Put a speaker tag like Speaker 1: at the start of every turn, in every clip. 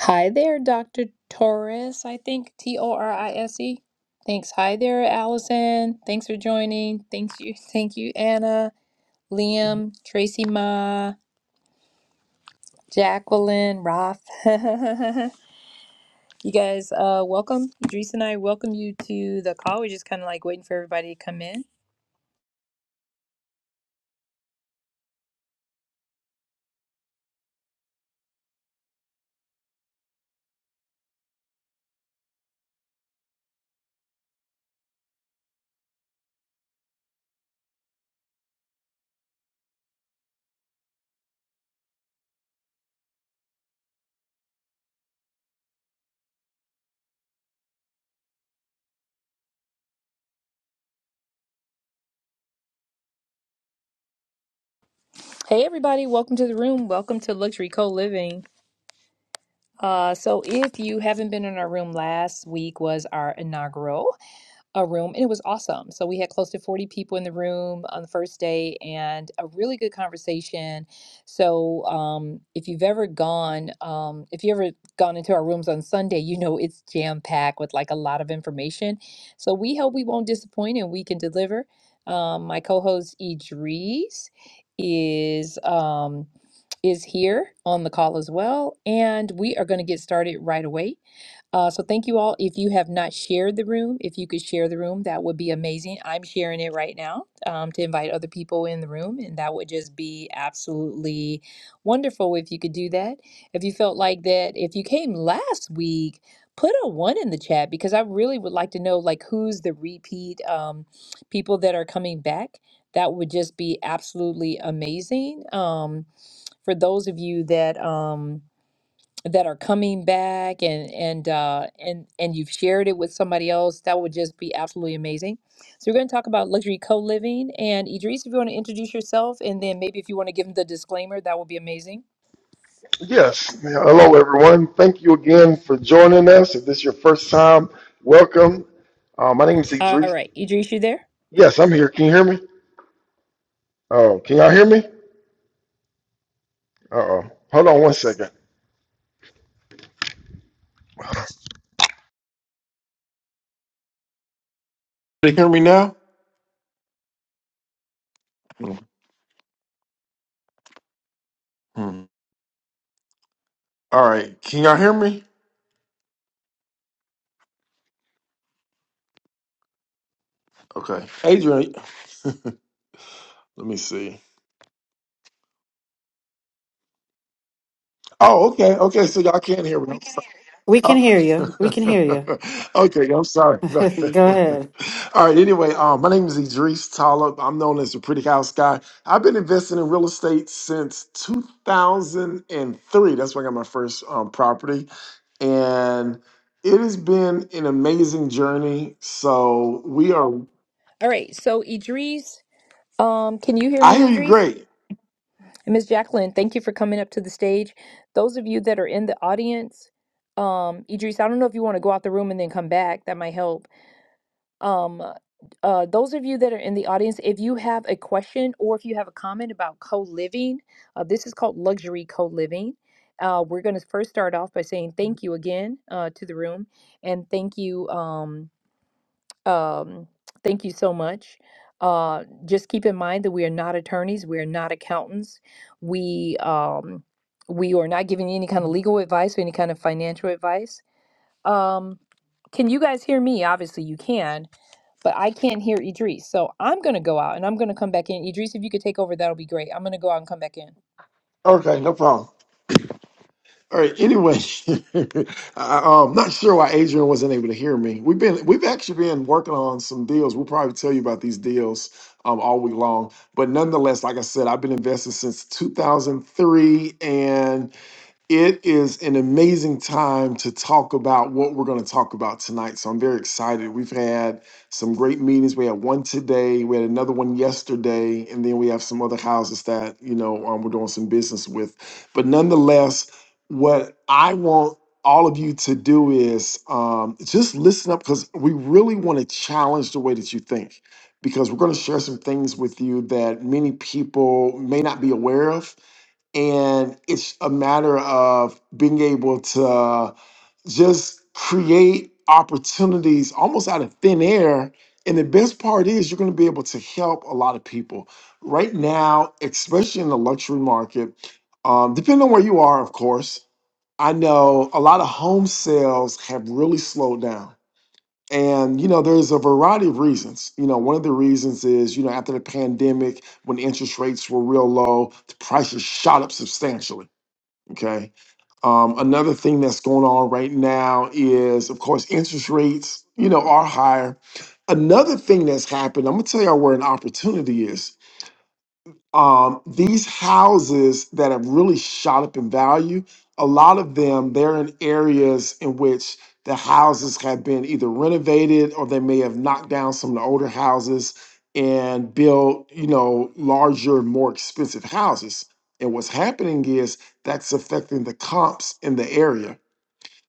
Speaker 1: Hi there, Dr. Torres, I think. T O R I S E. Thanks. Hi there, Allison. Thanks for joining. Thank you. Thank you, Anna, Liam, Tracy Ma, Jacqueline, Roth. you guys, uh, welcome. Idris and I welcome you to the call. We're just kind of like waiting for everybody to come in. Hey, everybody. Welcome to the room. Welcome to Luxury Co Living. Uh, so if you haven't been in our room, last week was our inaugural. a room and it was awesome. So we had close to 40 people in the room on the first day and a really good conversation. So um, if you've ever gone, um, if you ever gone into our rooms on Sunday, you know it's jam packed with like a lot of information. So we hope we won't disappoint and we can deliver. Um, my co-host Idris is um, is here on the call as well, and we are going to get started right away. Uh, so thank you all. If you have not shared the room, if you could share the room, that would be amazing. I'm sharing it right now um, to invite other people in the room, and that would just be absolutely wonderful if you could do that. If you felt like that, if you came last week, put a one in the chat because I really would like to know like who's the repeat um, people that are coming back. That would just be absolutely amazing. Um, for those of you that um, that are coming back and and uh, and and you've shared it with somebody else, that would just be absolutely amazing. So we're going to talk about luxury co-living and Idris, if you want to introduce yourself, and then maybe if you want to give them the disclaimer, that would be amazing.
Speaker 2: Yes. Hello, everyone. Thank you again for joining us. If this is your first time, welcome. Uh, my name is
Speaker 1: All
Speaker 2: Idris.
Speaker 1: right, Idris, you there?
Speaker 2: Yes, I'm here. Can you hear me? Oh, can y'all hear me? Uh oh. Hold on one second. Can you hear me now? Hmm. All right. Can y'all hear me? Okay. Adrian, let me see. Oh, okay. Okay. So y'all can hear me.
Speaker 3: We can
Speaker 2: Oh.
Speaker 3: hear you. We can hear
Speaker 2: okay, I'm sorry about
Speaker 3: you.
Speaker 2: that.
Speaker 3: Go ahead.
Speaker 2: All right, anyway, um, my name is Idris Talib. I'm known as the Pretty House Guy. I've been investing in real estate since 2003. That's when I got my first um, property. And it has been an amazing journey. So we are,
Speaker 1: All right, so Idris, um, can you hear
Speaker 2: I
Speaker 1: me,
Speaker 2: hear you
Speaker 1: Idris?
Speaker 2: great.
Speaker 1: And Ms. Jacqueline, thank you for coming up to the stage. Those of you that are in the audience, um, Idris, I don't know if you want to go out the room and then come back. That might help Um, uh, those of you that are in the audience, if you have a question or if you have a comment about co living, uh, this is called luxury co living. Uh, we're going to first start off by saying thank you again uh, to the room and thank you. Um, um, thank you so much. Uh, just keep in mind that we are not attorneys, we are not accountants. We um, we are not giving you any kind of legal advice or any kind of financial advice. Um, can you guys hear me? Obviously, you can, but I can't hear Idris. So I'm going to go out and I'm going to come back in. Idris, if you could take over, that'll be great. I'm going to go out and come back in.
Speaker 2: Okay, no problem. All right. Anyway, I, am not sure why Adrian wasn't able to hear me. We've been we've actually been working on some deals. We'll probably tell you about these deals um, all week long. But nonetheless, like I said, I've been invested since 2003, and it is an amazing time to talk about what we're going to talk about tonight. So I'm very excited. We've had some great meetings. We had one today, we had another one yesterday, and then we have some other houses that, you know, um, we're doing some business with. But nonetheless, what I want all of you to do is um, just listen up because we really want to challenge the way that you think because we're going to share some things with you that many people may not be aware of and it's a matter of being able to just create opportunities almost out of thin air and the best part is you're going to be able to help a lot of people right now especially in the luxury market um, depending on where you are of course i know a lot of home sales have really slowed down and you know there's a variety of reasons you know one of the reasons is you know after the pandemic when interest rates were real low the prices shot up substantially Okay. Um, another thing that's going on right now is, of course, interest rates, you know, are higher. Another thing that's happened, I'm gonna tell y'all where an opportunity is um, these houses that have really shot up in value, a lot of them they're in areas in which the houses have been either renovated or they may have knocked down some of the older houses and built, you know, larger, more expensive houses. And what's happening is that's affecting the comps in the area.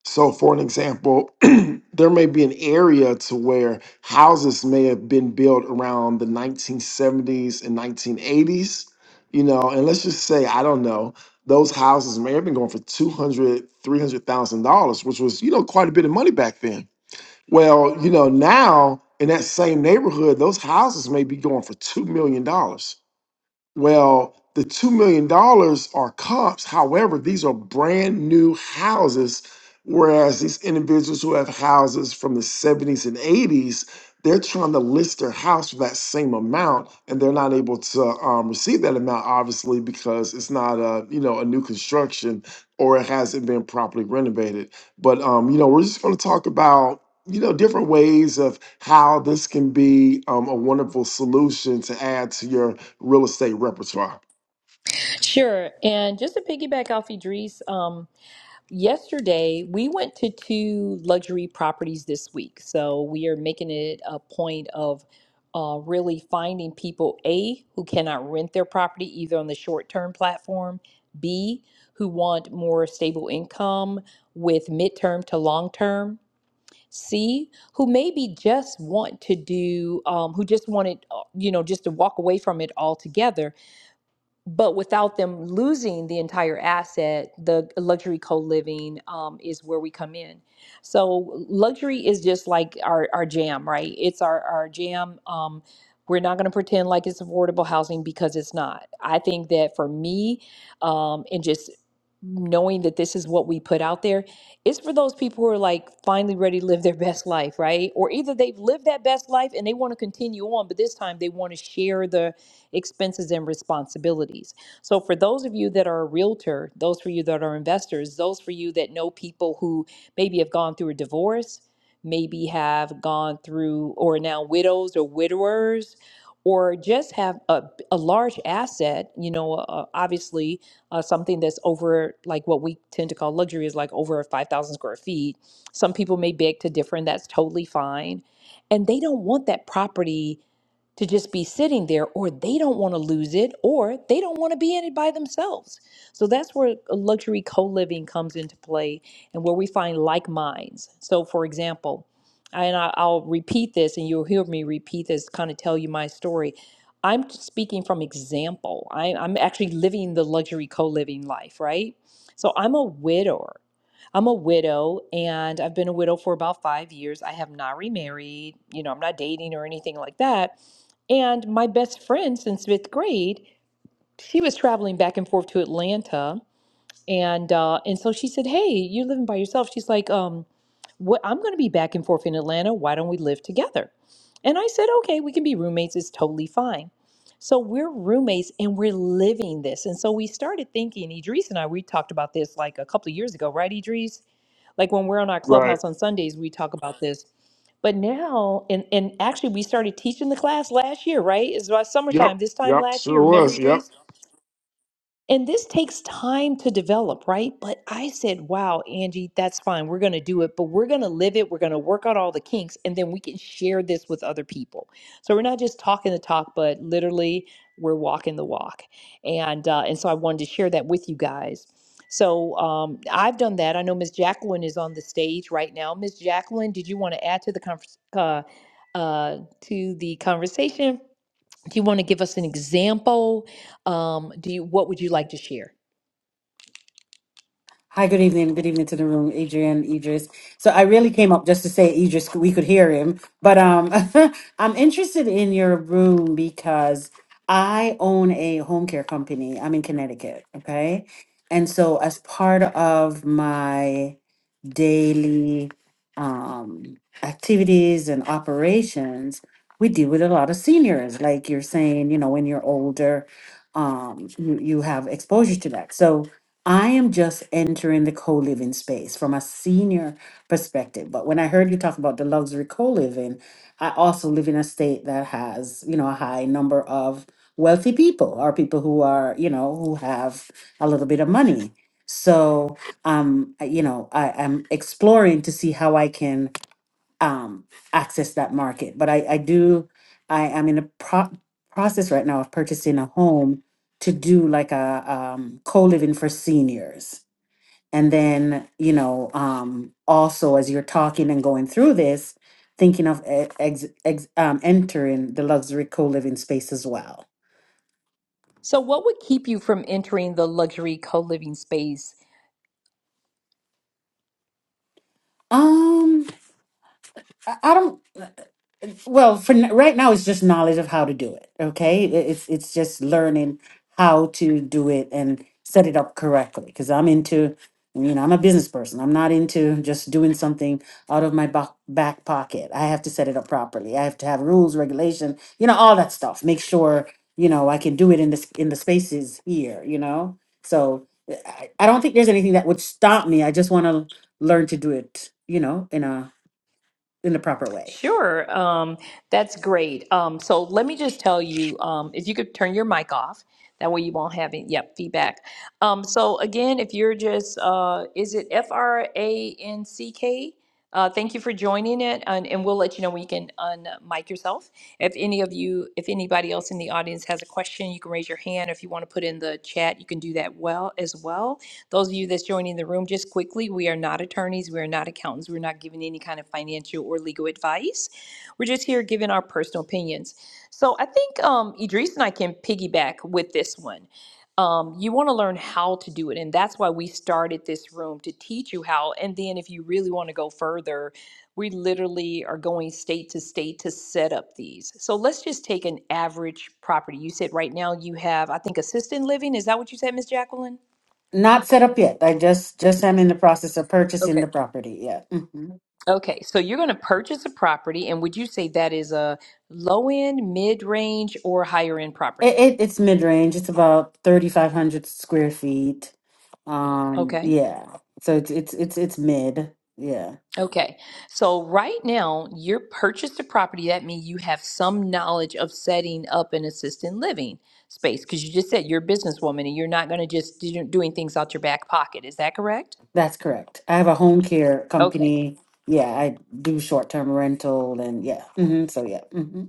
Speaker 2: So, for an example, there may be an area to where houses may have been built around the 1970s and 1980s, you know, and let's just say, I don't know, those houses may have been going for 200, 300,000 dollars, which was, you know, quite a bit of money back then. Well, you know, now in that same neighborhood, those houses may be going for $2 million. dollars. Well, the two million dollars are comps. However, these are brand new houses, whereas these individuals who have houses from the seventies and eighties, they're trying to list their house for that same amount, and they're not able to um, receive that amount, obviously, because it's not a you know a new construction or it hasn't been properly renovated. But um, you know, we're just going to talk about you know different ways of how this can be um, a wonderful solution to add to your real estate repertoire.
Speaker 1: Sure. And just to piggyback off Idris, um, yesterday we went to two luxury properties this week so we are making it a point of uh, really finding people a who cannot rent their property either on the short-term platform b who want more stable income with midterm to long term c who maybe just want to do um, who just wanted uh, you know just to walk away from it altogether but without them losing the entire asset, the luxury co-living um, is where we come in. So luxury is just like our, our jam, right? It's our, our jam. Um, we're not going to pretend like it's affordable housing because it's not. I think that for me, um, and just knowing that this is what we put out there, it's for those people who are like finally ready to live their best life, right? Or either they've lived that best life and they want to continue on, but this time they want to share the expenses and responsibilities. So, for those of you that are a realtor, those for you that are investors, those for you that know people who maybe have gone through a divorce, maybe have gone through or now widows or widowers, or just have a, a large asset, you know, uh, obviously uh, something that's over like what we tend to call luxury is like over 5,000 square feet. Some people may beg to differ, and that's totally fine. And they don't want that property to just be sitting there, or they don't want to lose it, or they don't want to be in it by themselves. So that's where luxury co living comes into play and where we find like minds. So, for example, and I- I'll repeat this, and you'll hear me repeat this, kind of tell you my story. I'm speaking from example. I, I'm actually living the luxury co living life, right? So, I'm a widower. I'm a widow and I've been a widow for about five years. I have not remarried. You know, I'm not dating or anything like that and my best friend since fifth grade, she was traveling back and forth to Atlanta, and uh, and so she said, "Hey, you're living by yourself." She's like, "Um, what? I'm going to be back and forth in Atlanta. Why don't we live together?" And I said, "Okay, we can be roommates. It's totally fine." So we're roommates and we're living this. And so we started thinking, Idris and I, we talked about this like a couple of years ago, right, Idris? Like when we're on our
Speaker 2: Right.
Speaker 1: clubhouse on Sundays, we talk about this. But now, and, and actually, we started teaching the class last year, right? It's about
Speaker 2: Yep.
Speaker 1: summertime, this time
Speaker 2: Yep.
Speaker 1: last
Speaker 2: Sure
Speaker 1: year. Remember,
Speaker 2: was.
Speaker 1: Idris?
Speaker 2: Yep.
Speaker 1: And this takes time to develop, right? But I said, wow, Angie, that's fine. We're going to do it, but we're going to live it. We're going to work out all the kinks, and then we can share this with other people. So we're not just talking the talk, but literally we're walking the walk. And, uh, and so I wanted to share that with you guys. So um, I've done that. I know Miss Jacqueline is on the stage right now. Miss Jacqueline, did you want to add to the convers- uh, uh, to the conversation? Do you want to give us an example? Um, do you, what would you like to share?
Speaker 3: Hi, good evening. Good evening to the room, Adrian, Idris. So I really came up just to say Idris, we could hear him. But um I'm interested in your room because I own a home care company. I'm in Connecticut, okay? And so as part of my daily um, activities and operations, we deal with a lot of seniors. Like you're saying, you know, when you're older, um, you, you have exposure to that. So I am just entering the co living space from a senior perspective. But when I heard you talk about the luxury co living, I also live in a state that has, you know, a high number of wealthy people or people who are, you know, who have a little bit of money. So um I- you know I, i'm exploring to see how i can um access that market but i i do i am in a pro- process right now of purchasing a home to do like a um, co-living for seniors and then you know um also as you're talking and going through this thinking of e- ex, ex, um, entering the luxury co-living space as well
Speaker 1: So, what would keep you from entering the luxury co living space
Speaker 3: um i, I don't Well, for n- right now, it's just knowledge of how to do it. Okay, I- it's it's just learning how to do it and set it up correctly. Because I'm into, you know, I'm a business person. I'm not into just doing something out of my back back pocket. I have to set it up properly. I have to have rules, regulation, you know, all that stuff. Make sure you know I can do it in this in the spaces here. You know, so uh, I, I don't think there's anything that would stop me. I just want to learn to do it. You know, in a in the proper way.
Speaker 1: Sure. Um, that's great. Um, so let me just tell you, um, if you could turn your mic off, that way you won't have any, yep, feedback. Um, so again, if you're just, uh, is it F R A N C K? Uh, thank you for joining it, and, and we'll let you know when you can unmic yourself. If any of you, if anybody else in the audience has a question, you can raise your hand. If you want to put in the chat, you can do that well as well. Those of you that's joining the room, just quickly, we are not attorneys, we are not accountants, we're not giving any kind of financial or legal advice. We're just here giving our personal opinions. So I think um, Idris and I can piggyback with this one. Um, you want to learn how to do it, and that's why we started this room to teach you how. And then, if you really want to go further, we literally are going state to state to set up these. So let's just take an average property. You said right now you have, I think, assisted living. Is that what you said, Miss Jacqueline?
Speaker 3: Not set up yet. I just just am in the process of
Speaker 1: Okay.
Speaker 3: purchasing the property. Yeah, hmm
Speaker 1: Okay, so you're going to purchase a property, and would you say that is a low end, mid range, or higher end
Speaker 3: it,
Speaker 1: property?
Speaker 3: it it's mid range. It's about thirty five hundred square feet. Um,
Speaker 1: Okay,
Speaker 3: yeah. So it's it's it's it's mid. Yeah,
Speaker 1: okay. So right now, you're purchased a property. That means you have some knowledge of setting up an assisted living space because you just said you're a businesswoman and you're not going to just do, doing things out your back pocket. Is that correct?
Speaker 3: that's correct. I have a home care
Speaker 1: Okay.
Speaker 3: company. Yeah, I do short term rental and yeah. hmm So yeah. hmm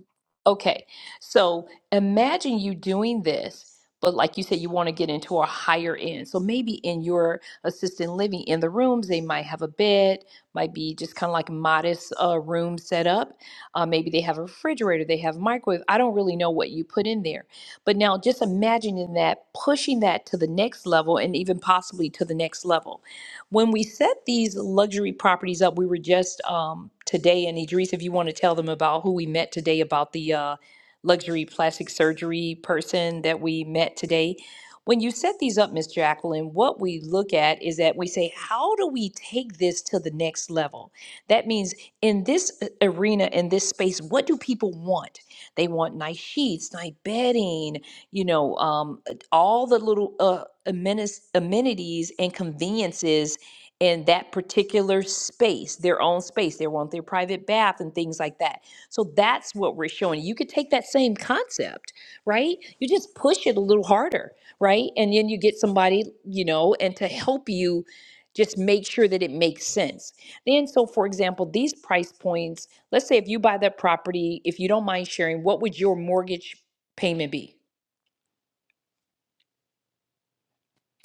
Speaker 1: Okay, so imagine you doing this, but like you said, you want to get into a higher end. So maybe in your assisted living, in the rooms, they might have a bed, might be just kind of like modest uh, room set up. Uh, maybe they have a refrigerator, they have a microwave. I don't really know what you put in there. But now just imagining that, pushing that to the next level and even possibly to the next level. When we set these luxury properties up, we were just um, today, and Idris, if you want to tell them about who we met today about the uh, luxury plastic surgery person that we met today. When you set these up, Miss Jacqueline, what we look at is that we say, how do we take this to the next level? That means in this uh, arena, in this space, what do people want? They want nice sheets, nice bedding, you know, um, all the little uh, amenities, amenities and conveniences in that particular space, their own space. They want their private bath and things like that. So that's what we're showing. You could take that same concept, right? You just push it a little harder, right? And then you get somebody, you know, and to help you just make sure that it makes sense. Then, so for example, these price points, let's say if you buy that property, if you don't mind sharing, what would your mortgage payment be,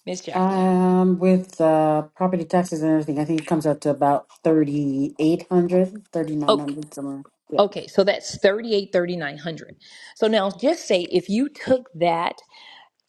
Speaker 1: Miss Jacqueline?
Speaker 3: Um, with uh property taxes and everything, I think it comes out to about thirty eight hundred, thirty nine hundred somewhere. Yeah.
Speaker 1: Okay, so that's thirty-eight, thirty-nine hundred. So now just say if you took that,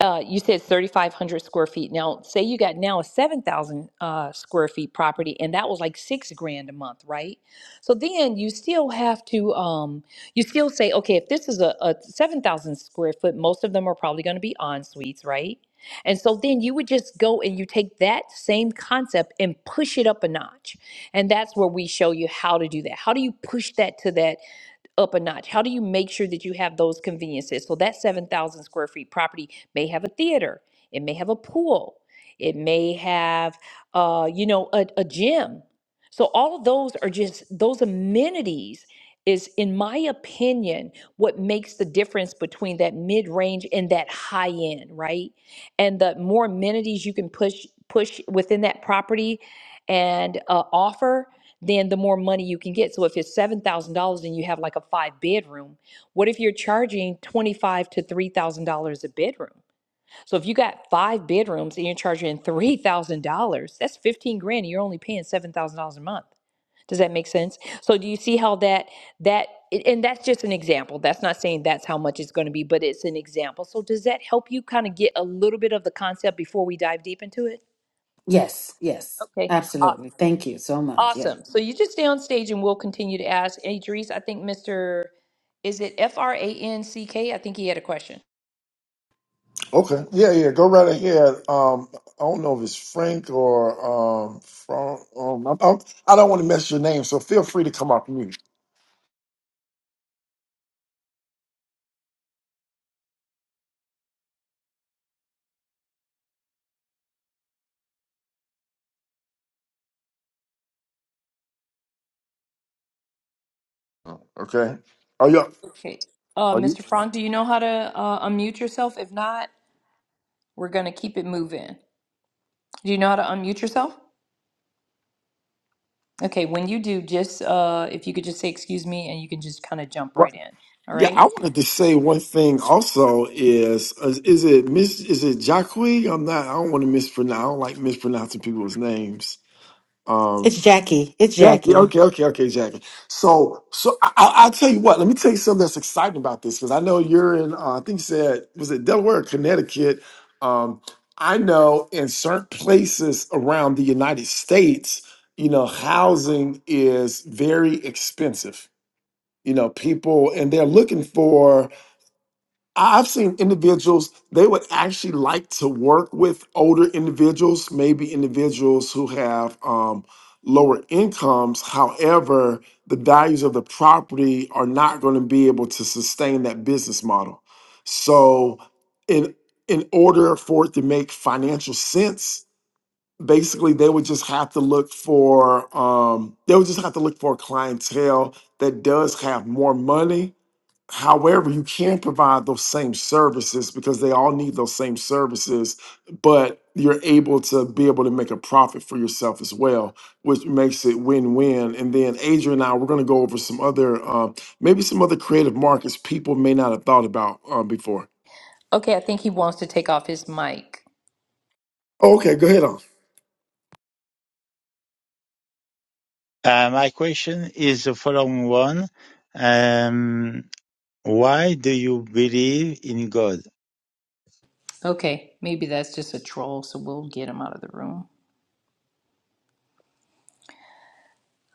Speaker 1: uh, you said 3,500 square feet. Now, say you got now a 7,000 uh, square feet property, and that was like six grand a month, right? So then you still have to, um, you still say, okay, if this is a, a 7,000 square foot, most of them are probably going to be en suites, right? And so then you would just go and you take that same concept and push it up a notch. And that's where we show you how to do that. How do you push that to that? up a notch? How do you make sure that you have those conveniences? So that 7,000 square feet property may have a theater, it may have a pool, it may have, uh, you know, a, a gym. So all of those are just those amenities is, in my opinion, what makes the difference between that mid range and that high end, right? And the more amenities you can push push within that property and uh, offer, then the more money you can get. So if it's seven thousand dollars and you have like a five bedroom, what if you're charging twenty five to three thousand dollars a bedroom? So if you got five bedrooms and you're charging three thousand dollars, that's fifteen grand. And you're only paying seven thousand dollars a month. Does that make sense? So do you see how that that a- and that's just an example. That's not saying that's how much it's going to be, but it's an example. So does that help you kind of get a little bit of the concept before we dive deep into it?
Speaker 3: Yes, yes,
Speaker 1: Okay. Aw-
Speaker 3: absolutely. Thank you so much. Yeah.
Speaker 1: Awesome. So you just stay on stage and we'll continue to ask. Idris, I think Mr. Is it F R A N C K? I think he had a question.
Speaker 2: Okay. Yeah, yeah. Go right ahead. Um, I don't know if it's Frank or um, Frank. Um, I'm, I'm, I don't want to mess your name, so feel free to come off mute. Okay. Are you?
Speaker 1: Okay. Uh,
Speaker 2: Are you?
Speaker 1: Mr. Frank, do you know how to uh, unmute yourself? If not, we're going to keep it moving. Do you know how to unmute yourself? Okay, when you do, just uh, if you could just say excuse me and you can just kind of jump
Speaker 2: What?
Speaker 1: right in. All
Speaker 2: Yeah, I
Speaker 1: right.
Speaker 2: wanted to say one thing also is is, is it Miss is it Jacque? I'm not I don't want to mispronounce I don't like mispronouncing people's names.
Speaker 3: It's Jackie. It's
Speaker 2: Yeah, yeah,
Speaker 3: Jackie.
Speaker 2: okay, okay, okay, Jackie. So, so I, I- I'll tell you what. Let me tell you something that's exciting about this because I know you're in. Uh, I think you said was it Delaware, or Connecticut. Um, I know in certain places around the United States, you know, housing is very expensive. You know, people and they're looking for I- I've seen individuals, they would actually like to work with older individuals, maybe individuals who have um, lower incomes. However, the values of the property are not going to be able to sustain that business model. So, in in order for it to make financial sense, basically they would just have to look for um, they would just have to look for a clientele that does have more money However, you can provide those same services because they all need those same services, but you're able to be able to make a profit for yourself as well, which makes it win-win. And then Adrian and I, we're going to go over some other, uh, maybe some other creative markets people may not have thought about uh, before.
Speaker 1: Okay, I think he wants to take off his mic.
Speaker 2: Okay, go ahead on.
Speaker 4: Uh, My question is the following one. Um, Why do you believe in God?
Speaker 1: Okay, maybe that's just a troll, so we'll get him out of the room.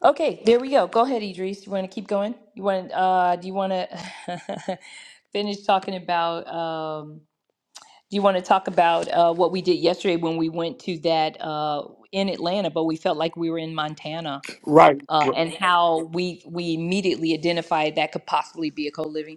Speaker 1: Okay, there we go. Go ahead, Idris. You want to keep going? You want? Uh, do you want to finish talking about? Um, do you want to talk about uh, what we did yesterday when we went to that uh, in Atlanta, but we felt like we were in Montana,
Speaker 2: Right.
Speaker 1: uh, and how we we immediately identified that could possibly be a co living?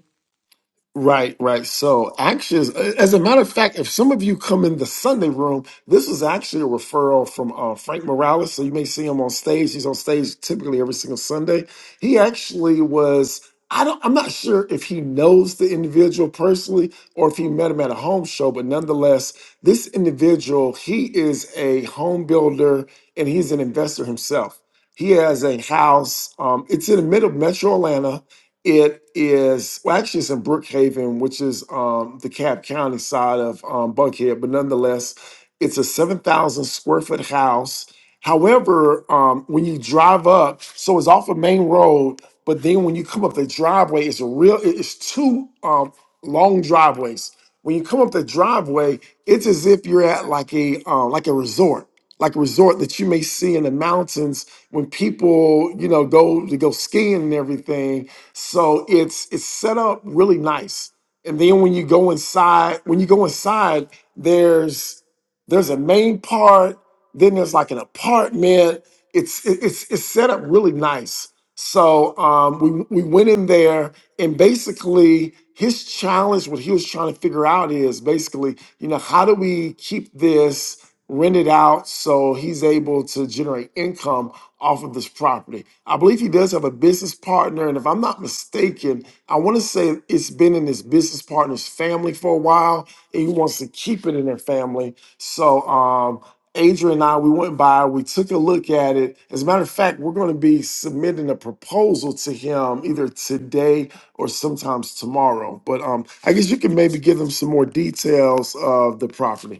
Speaker 2: Right, right. So actions. As a matter of fact, if some of you come in the Sunday room, this is actually a referral from uh, Frank Morales. So you may see him on stage. He's on stage typically every single Sunday. He actually was. I don't. I'm not sure if he knows the individual personally or if he met him at a home show, but nonetheless, this individual he is a home builder and he's an investor himself. He has a house. Um, it's in the middle of Metro Atlanta it is well, actually, it's in Brookhaven, which is um, the Cab County side of um, Buckhead, but nonetheless, it's a seven thousand square foot house. However, um, when you drive up, so it's off a main road, but then when you come up the driveway, it's a real. it- It's two um, long driveways. When you come up the driveway, it's as if you're at like a uh, like a resort like a resort that you may see in the mountains when people, you know, go to go skiing and everything. So it's it's set up really nice. And then when you go inside, when you go inside, there's there's a main part, then there's like an apartment. It's it- it's it's set up really nice. So um, we we went in there, and basically his challenge, what he was trying to figure out is basically, you know, how do we keep this rented out so he's able to generate income off of this property? I believe he does have a business partner, and if I'm not mistaken, I want to say it's been in his business partner's family for a while, and he wants to keep it in their family. So um, Adrian and I, we went by, we took a look at it. As a matter of fact, we're going to be submitting a proposal to him either today or sometimes tomorrow. But um, I guess you can maybe give them some more details of the property.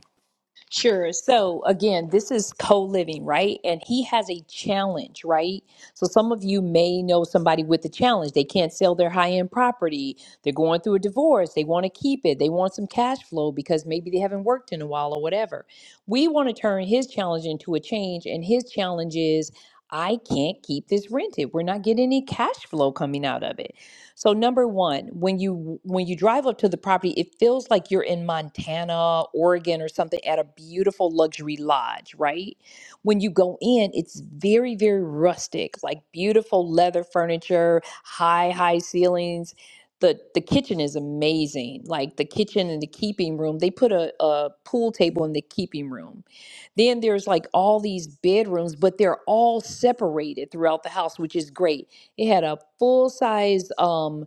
Speaker 1: Sure. So again, this is co-living, right? And he has a challenge, right? So some of you may know somebody with a challenge. They can't sell their high-end property. They're going through a divorce. They want to keep it. They want some cash flow because maybe they haven't worked in a while or whatever. We want to turn his challenge into a change, and his challenge is I can't keep this rented. We're not getting any cash flow coming out of it. So number one, when you when you drive up to the property, it feels like you're in Montana, Oregon, or something at a beautiful luxury lodge, right? When you go in, it's very, very rustic, like beautiful leather furniture, high, high ceilings. The the kitchen is amazing. Like the kitchen and the keeping room, they put a, a pool table in the keeping room. Then there's like all these bedrooms, but they're all separated throughout the house, which is great it had a full size um,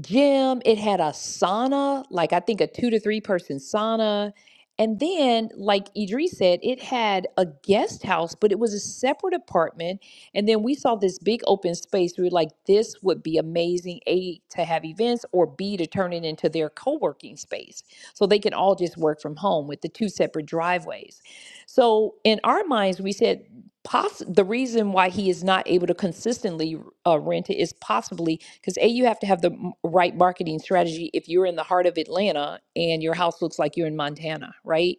Speaker 1: gym. It had a sauna, like I think a two to three person sauna. And then, like Idris said, it had a guest house, but it was a separate apartment. And then we saw this big open space. We were like, this would be amazing, A, to have events, or B, to turn it into their co working space. So they can all just work from home with the two separate driveways. So in our minds, we said, poss- the reason why he is not able to consistently uh, rent it is possibly because A, you have to have the m- right marketing strategy if you're in the heart of Atlanta and your house looks like you're in Montana, right?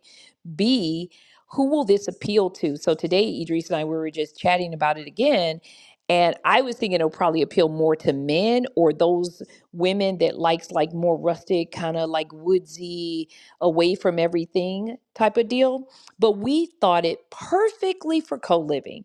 Speaker 1: B, who will this appeal to? So today, Idris and I, we were just chatting about it again. And I was thinking it'll probably appeal more to men or those women that likes like more rustic, kind of like woodsy, away from everything type of deal. But we thought it perfectly for co-living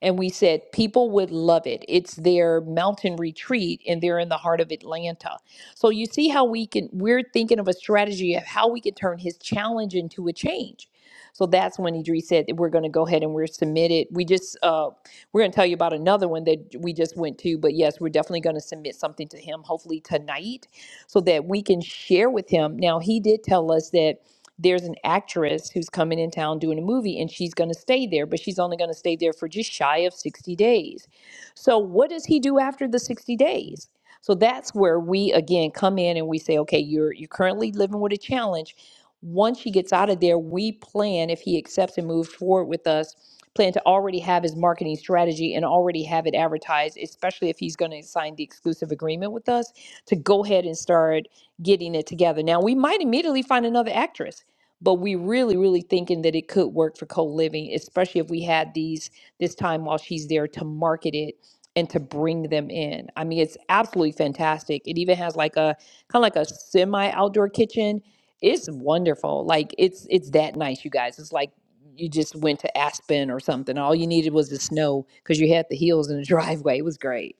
Speaker 1: and we said people would love it. It's their mountain retreat and they're in the heart of Atlanta. So you see how we can we're thinking of a strategy of how we can turn his challenge into a change. So that's when Idris said that we're going to go ahead and we're submitted. We just uh, we're going to tell you about another one that we just went to, but yes, we're definitely going to submit something to him, hopefully tonight, so that we can share with him. Now he did tell us that there's an actress who's coming in town doing a movie and she's going to stay there, but she's only going to stay there for just shy of 60 days. So, what does he do after the 60 days? So that's where we again come in and we say, okay, you're you're currently living with a challenge. Once he gets out of there, we plan if he accepts and moves forward with us, plan to already have his marketing strategy and already have it advertised, especially if he's going to sign the exclusive agreement with us to go ahead and start getting it together. Now, we might immediately find another actress but we really really thinking that it could work for co-living especially if we had these this time while she's there to market it and to bring them in i mean it's absolutely fantastic it even has like a kind of like a semi outdoor kitchen it's wonderful like it's it's that nice you guys it's like you just went to aspen or something all you needed was the snow because you had the hills and the driveway it was great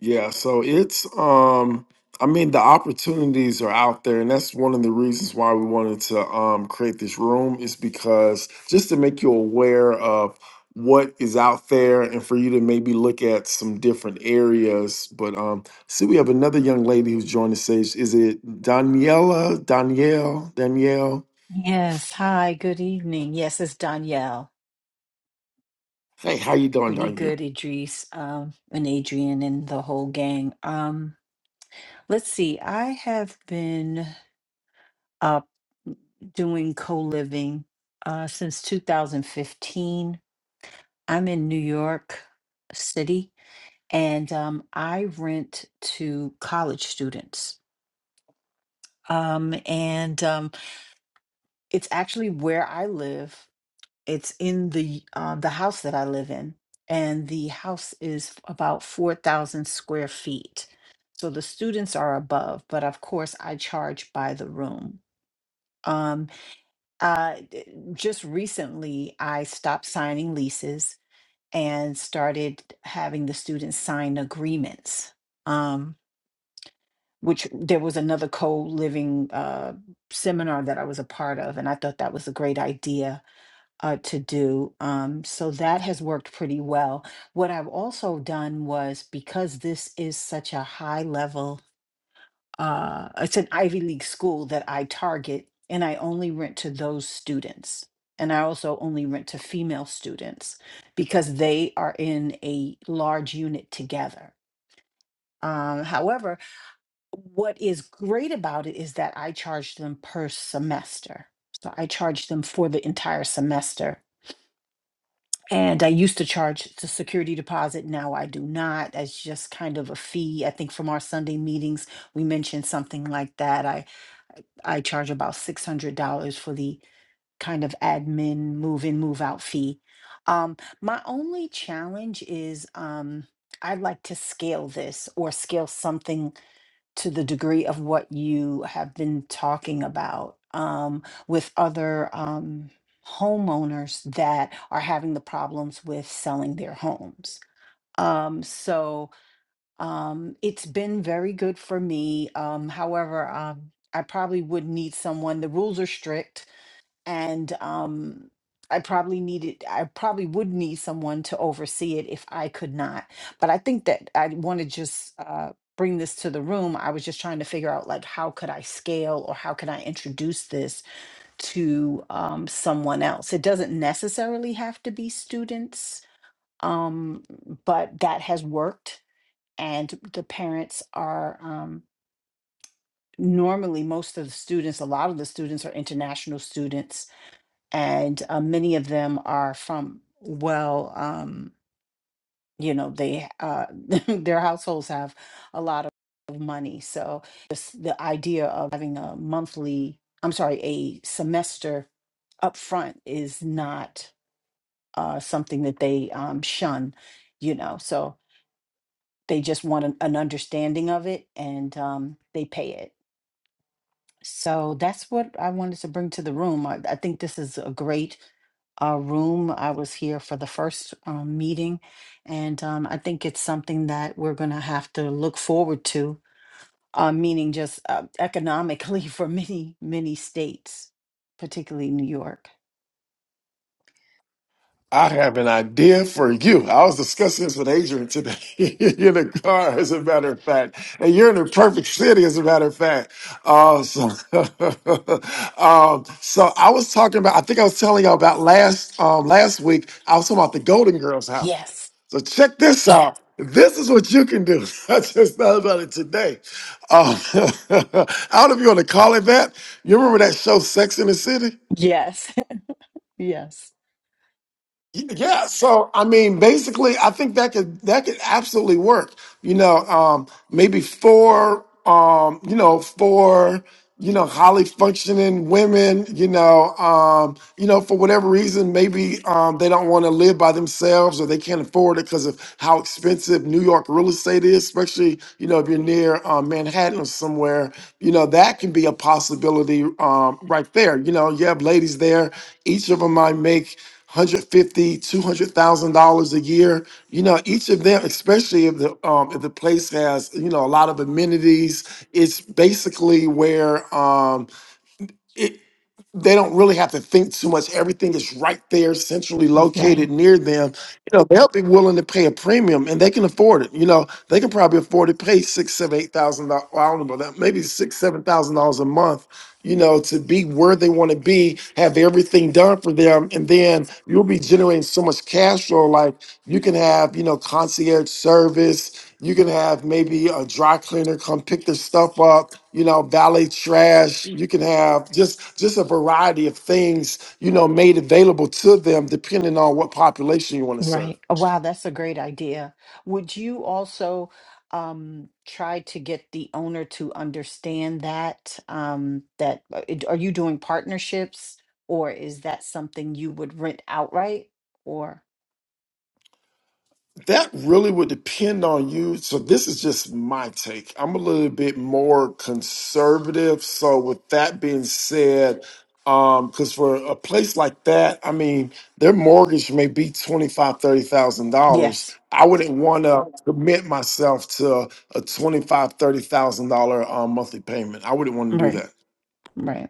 Speaker 2: Yeah, so it's um I mean the opportunities are out there and that's one of the reasons why we wanted to um create this room is because just to make you aware of what is out there and for you to maybe look at some different areas. But um see we have another young lady who's joined the stage. Is it Daniela? Danielle? Danielle?
Speaker 5: Yes, hi, good evening. Yes, it's Danielle.
Speaker 2: Hey, how you doing,
Speaker 5: Pretty
Speaker 2: Danielle?
Speaker 5: good, Idris, um, and Adrian and the whole gang. Um, let's see, I have been uh, doing co-living uh, since 2015. I'm in New York City and um, I rent to college students. Um, and um, it's actually where I live. It's in the um, the house that I live in, and the house is about four thousand square feet. So the students are above, but of course I charge by the room. Um, uh, d- just recently, I stopped signing leases and started having the students sign agreements. Um, which there was another co-living uh, seminar that I was a part of, and I thought that was a great idea uh, to do. Um, so that has worked pretty well. What I've also done was because this is such a high level, uh, it's an Ivy League school that I target, and I only rent to those students. And I also only rent to female students because they are in a large unit together. Um, however, what is great about it is that I charge them per semester. So I charge them for the entire semester And I used to charge the security deposit. Now I do not. That's just kind of a fee. I think from our Sunday meetings, we mentioned something like that. I I charge about six hundred dollars for the kind of admin move in, move out fee. Um, my only challenge is um, I'd like to scale this or scale something to the degree of what you have been talking about um, with other um, homeowners that are having the problems with selling their homes. Um, so um, it's been very good for me. Um, however, um, I probably would need someone. The rules are strict and um I probably needed I probably would need someone to oversee it if I could not. But I think that I want to just uh bring this to the room. I was just trying to figure out like how could I scale or how can I introduce this to um someone else. It doesn't necessarily have to be students. Um but that has worked and the parents are um normally most of the students a lot of the students are international students and uh, many of them are from well um you know they uh their households have a lot of money so just the idea of having a monthly i'm sorry a semester up front is not uh something that they um shun you know so they just want an, an understanding of it and um they pay it So that's what I wanted to bring to the room. I, I think this is a great uh, room. I was here for the first um, meeting, and um, I think it's something that we're going to have to look forward to, uh, meaning just uh, economically for many, many states, particularly New York.
Speaker 2: I have an idea for you. I was discussing this with Adrian today in the car, as a matter of fact. And you're in the perfect city, as a matter of fact. Uh, so, um, so I was talking about, I think I was telling y'all about last um, last week, I was talking about the Golden Girls house.
Speaker 5: Yes,
Speaker 2: So check this out. This is what you can do. I just thought about it today. Um, I don't know if you want to call it that. You remember that show, Sex in the City?
Speaker 5: yes, yes.
Speaker 2: Yeah, so I mean, basically, I think that could that could absolutely work. You know, um, maybe for um, you know, for you know, highly functioning women, you know, um, you know, for whatever reason, maybe um, they don't want to live by themselves or they can't afford it because of how expensive New York real estate is, especially you know if you're near um, Manhattan or somewhere. You know, that can be a possibility um, right there. You know, you have ladies there; each of them might make. 150 200000 dollars two hundred thousand dollars a year you know each of them especially if the um if the place has you know a lot of amenities it's basically where um it they don't really have to think too much everything is right there centrally
Speaker 5: Right.
Speaker 2: located near them you know they'll be willing to pay a premium and they can afford it you know they can probably afford to pay six seven eight thousand dollars well, i don't know about that maybe six seven thousand dollars a month you know, to be where they want to be, have everything done for them, and then you'll be generating so much cash flow. Like you can have, you know, concierge service. You can have maybe a dry cleaner come pick their stuff up. You know, valet trash. You can have just just a variety of things, you know, made available to them depending on what population you want to serve.
Speaker 5: Right. Oh, wow, that's a great idea. Would you also um, try to get the owner to understand that um, that uh, it- are you doing partnerships or is that something you would rent outright or?
Speaker 2: That really would depend on you. So this is just my take. I'm a little bit more conservative. So with that being said, um, because for a place like that, I mean, their mortgage may be twenty five, thirty thousand dollars.
Speaker 5: Yes.
Speaker 2: I wouldn't want to commit myself to a twenty five, thirty thousand dollar um, monthly payment. I wouldn't want to do
Speaker 5: Right.
Speaker 2: that.
Speaker 5: Right.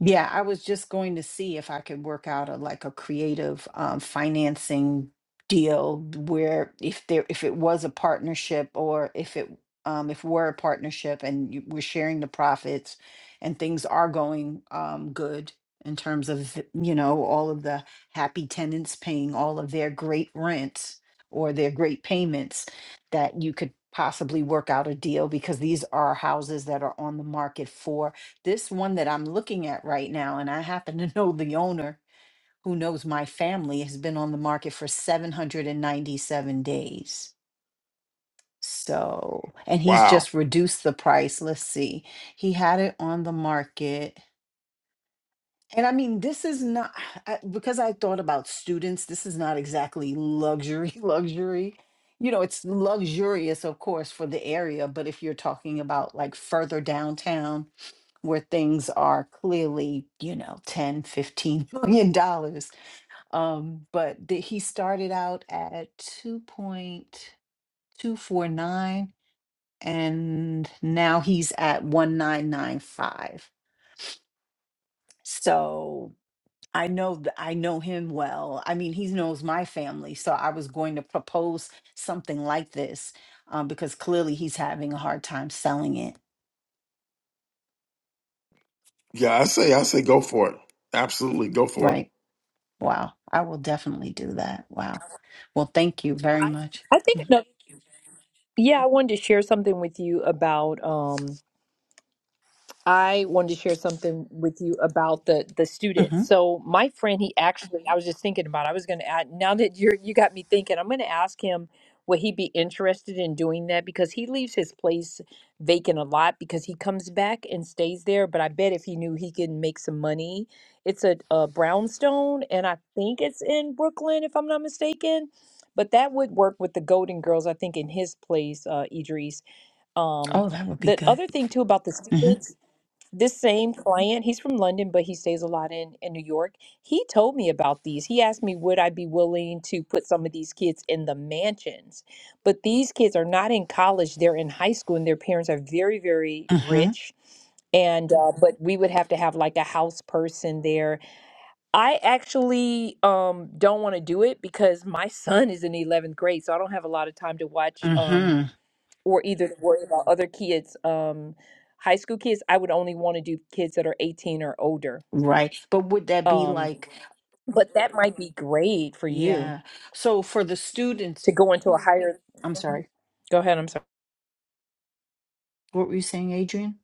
Speaker 5: Yeah, I was just going to see if I could work out a like a creative um, financing deal where if there if it was a partnership or if it um, if we're a partnership and you, we're sharing the profits and things are going um, good in terms of you know all of the happy tenants paying all of their great rents or their great payments that you could possibly work out a deal because these are houses that are on the market for this one that I'm looking at right now, and I happen to know the owner who knows my family, has been on the market for 797 days. So, and he's
Speaker 2: Wow.
Speaker 5: just reduced the price. Let's see. He had it on the market. And I mean, this is not I, because I thought about students, this is not exactly luxury, luxury. You know, it's luxurious, of course, for the area, but if you're talking about like further downtown, where things are clearly, you know, 10, 15 million dollars. Um, but the, he started out at 2.249 and now he's at 1995. So I know th- I know him well. I mean, he knows my family, so I was going to propose something like this um, because clearly he's having a hard time selling it,
Speaker 2: Yeah, I say, I say, go for it. Absolutely, go for it.
Speaker 5: right? Wow. I will definitely do that. Wow. Well, thank you very
Speaker 1: I
Speaker 5: much.
Speaker 1: I think
Speaker 5: Mm-hmm.
Speaker 1: another Yeah, I wanted to share something with you about um I wanted to share something with you about the the
Speaker 5: mm-hmm.
Speaker 1: students. So my friend, he actually I was just thinking about I was gonna add now that you're you got me thinking, I'm gonna ask him would he be interested in doing that because he leaves his place vacant a lot because he comes back and stays there. But I bet if he knew he could make some money. It's a, a brownstone and I think it's in Brooklyn if I'm not mistaken. But that would work with the Golden Girls, I think, in his place, uh, Idris. Um,
Speaker 5: Oh, that would be
Speaker 1: the
Speaker 5: good.
Speaker 1: other thing too about the
Speaker 5: hmm
Speaker 1: students, this same client, he's from London, but he stays a lot in in New York. He told me about these. He asked me, would I be willing to put some of these kids in the mansions? But these kids are not in college; they're in high school, and their parents are very, very
Speaker 5: hmm
Speaker 1: rich. And uh, but we would have to have like a house person there. I actually um, don't want to do it because my son is in the 11th grade, so I don't have a lot of time to watch. Um,
Speaker 5: hmm
Speaker 1: or either to worry about other kids um high school kids i would only want to do kids that are 18 or older
Speaker 5: Right. But would that be
Speaker 1: um
Speaker 5: like,
Speaker 1: but that might be great for you
Speaker 5: yeah. So for the students,
Speaker 1: to go into a higher
Speaker 5: I'm
Speaker 1: Mhm.
Speaker 5: sorry.
Speaker 1: go ahead i'm sorry
Speaker 5: What were you saying, Adrian?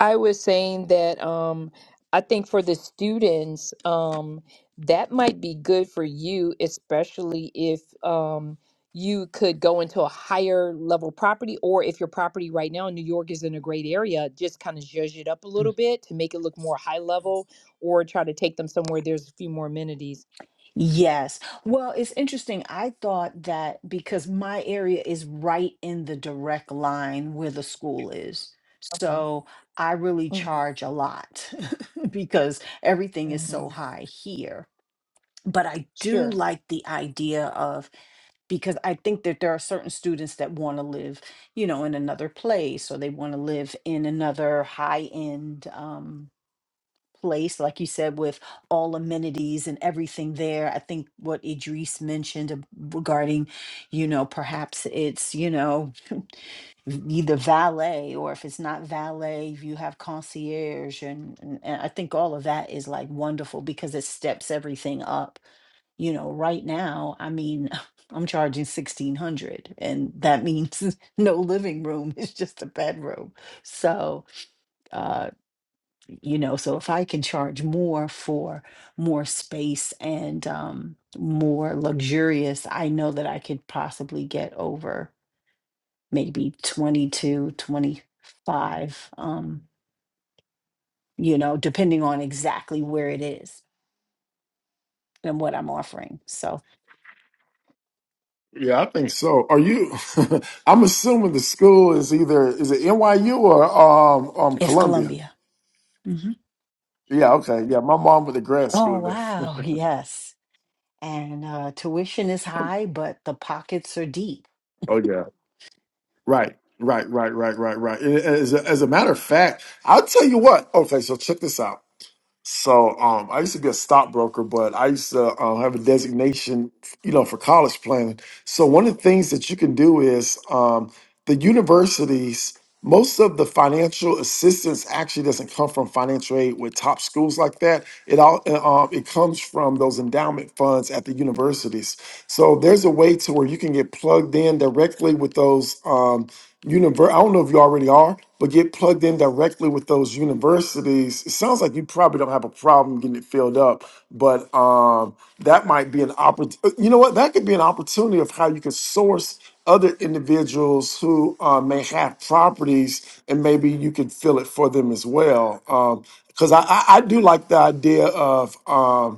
Speaker 1: I was saying that um, I think for the students, um, that might be good for you, especially if um, you could go into a higher level property, or if your property right now in New York is in a great area, just kind of zhuzh it up a little
Speaker 5: Mm.
Speaker 1: bit to make it look more high level, or try to take them somewhere there's a few more amenities.
Speaker 5: Yes. Well, it's interesting. I thought that because my area is right in the direct line where the school is.
Speaker 1: Uh-huh.
Speaker 5: So I really
Speaker 1: Mhm.
Speaker 5: charge a lot because everything is so
Speaker 1: Mhm.
Speaker 5: high here but I do
Speaker 1: Sure.
Speaker 5: like the idea of because I think that there are certain students that want to live, you know, in another place or they want to live in another high end um, place, like you said, with all amenities and everything there. I think what Idris mentioned ab- regarding, you know, perhaps it's, you know, v- either valet or if it's not valet, if you have concierge. And, and, and I think all of that is like wonderful because it steps everything up you know right now i mean i'm charging 1600 and that means no living room it's just a bedroom so uh you know so if i can charge more for more space and um more luxurious i know that i could possibly get over maybe 22, 25. um you know depending on exactly where it is and what i'm offering so
Speaker 2: Yeah, I think so. Are you? I'm assuming the school is either is it NYU or um um
Speaker 5: it's
Speaker 2: Columbia.
Speaker 5: columbia hmm
Speaker 2: Yeah, okay. Yeah, my mom went to grad
Speaker 5: oh
Speaker 2: school there.
Speaker 5: wow yes and uh, tuition is high, but the pockets are deep.
Speaker 2: Oh yeah. Right. Right. Right. Right. Right. Right. And As a, as a matter of fact, I'll tell you what. Okay, so check this out. So um, I used to be a stockbroker, but I used to uh, have a designation, you know, for college planning. So one of the things that you can do is um, the universities. Most of the financial assistance actually doesn't come from financial aid with top schools like that. It all uh, um, it comes from those endowment funds at the universities. So there's a way to where you can get plugged in directly with those. Um, univer I don't know if you already are, but get plugged in directly with those universities. It sounds like you probably don't have a problem getting it filled up, but um, that might be an opportunity. You know what? That could be an opportunity of how you could source other individuals who uh, may have properties, and maybe you could fill it for them as well. Because I, I, I do like the idea of. Um,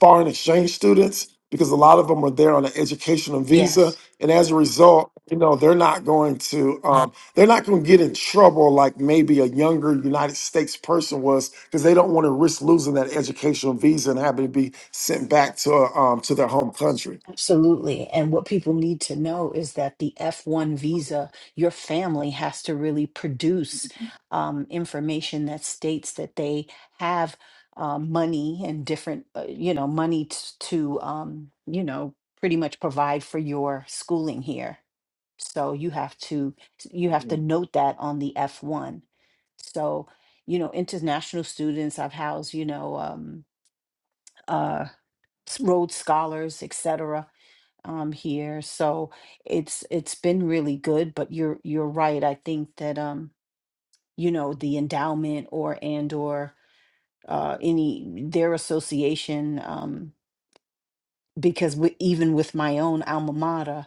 Speaker 2: foreign exchange students because a lot of them are there on an educational visa,
Speaker 5: Yes.
Speaker 2: and as a result, you know they're not going to um, they're not going to get in trouble like maybe a younger United States person was because they don't want to risk losing that educational visa and having to be sent back to uh, um, to their home country.
Speaker 5: Absolutely. And what people need to know is that the F1 visa, your family has to really produce um, information that states that they have uh, money and different, uh, you know, money t- to, um, you know, pretty much provide for your schooling here. So you have to you have to note that on the F1. So, you know, international students, I've housed, you know, um, uh, s- Rhodes scholars, et cetera, um, here. So it's it's been really good, but you're you're right. I think that um, you know, the endowment or and or uh, any their association, um, because we, even with my own alma mater.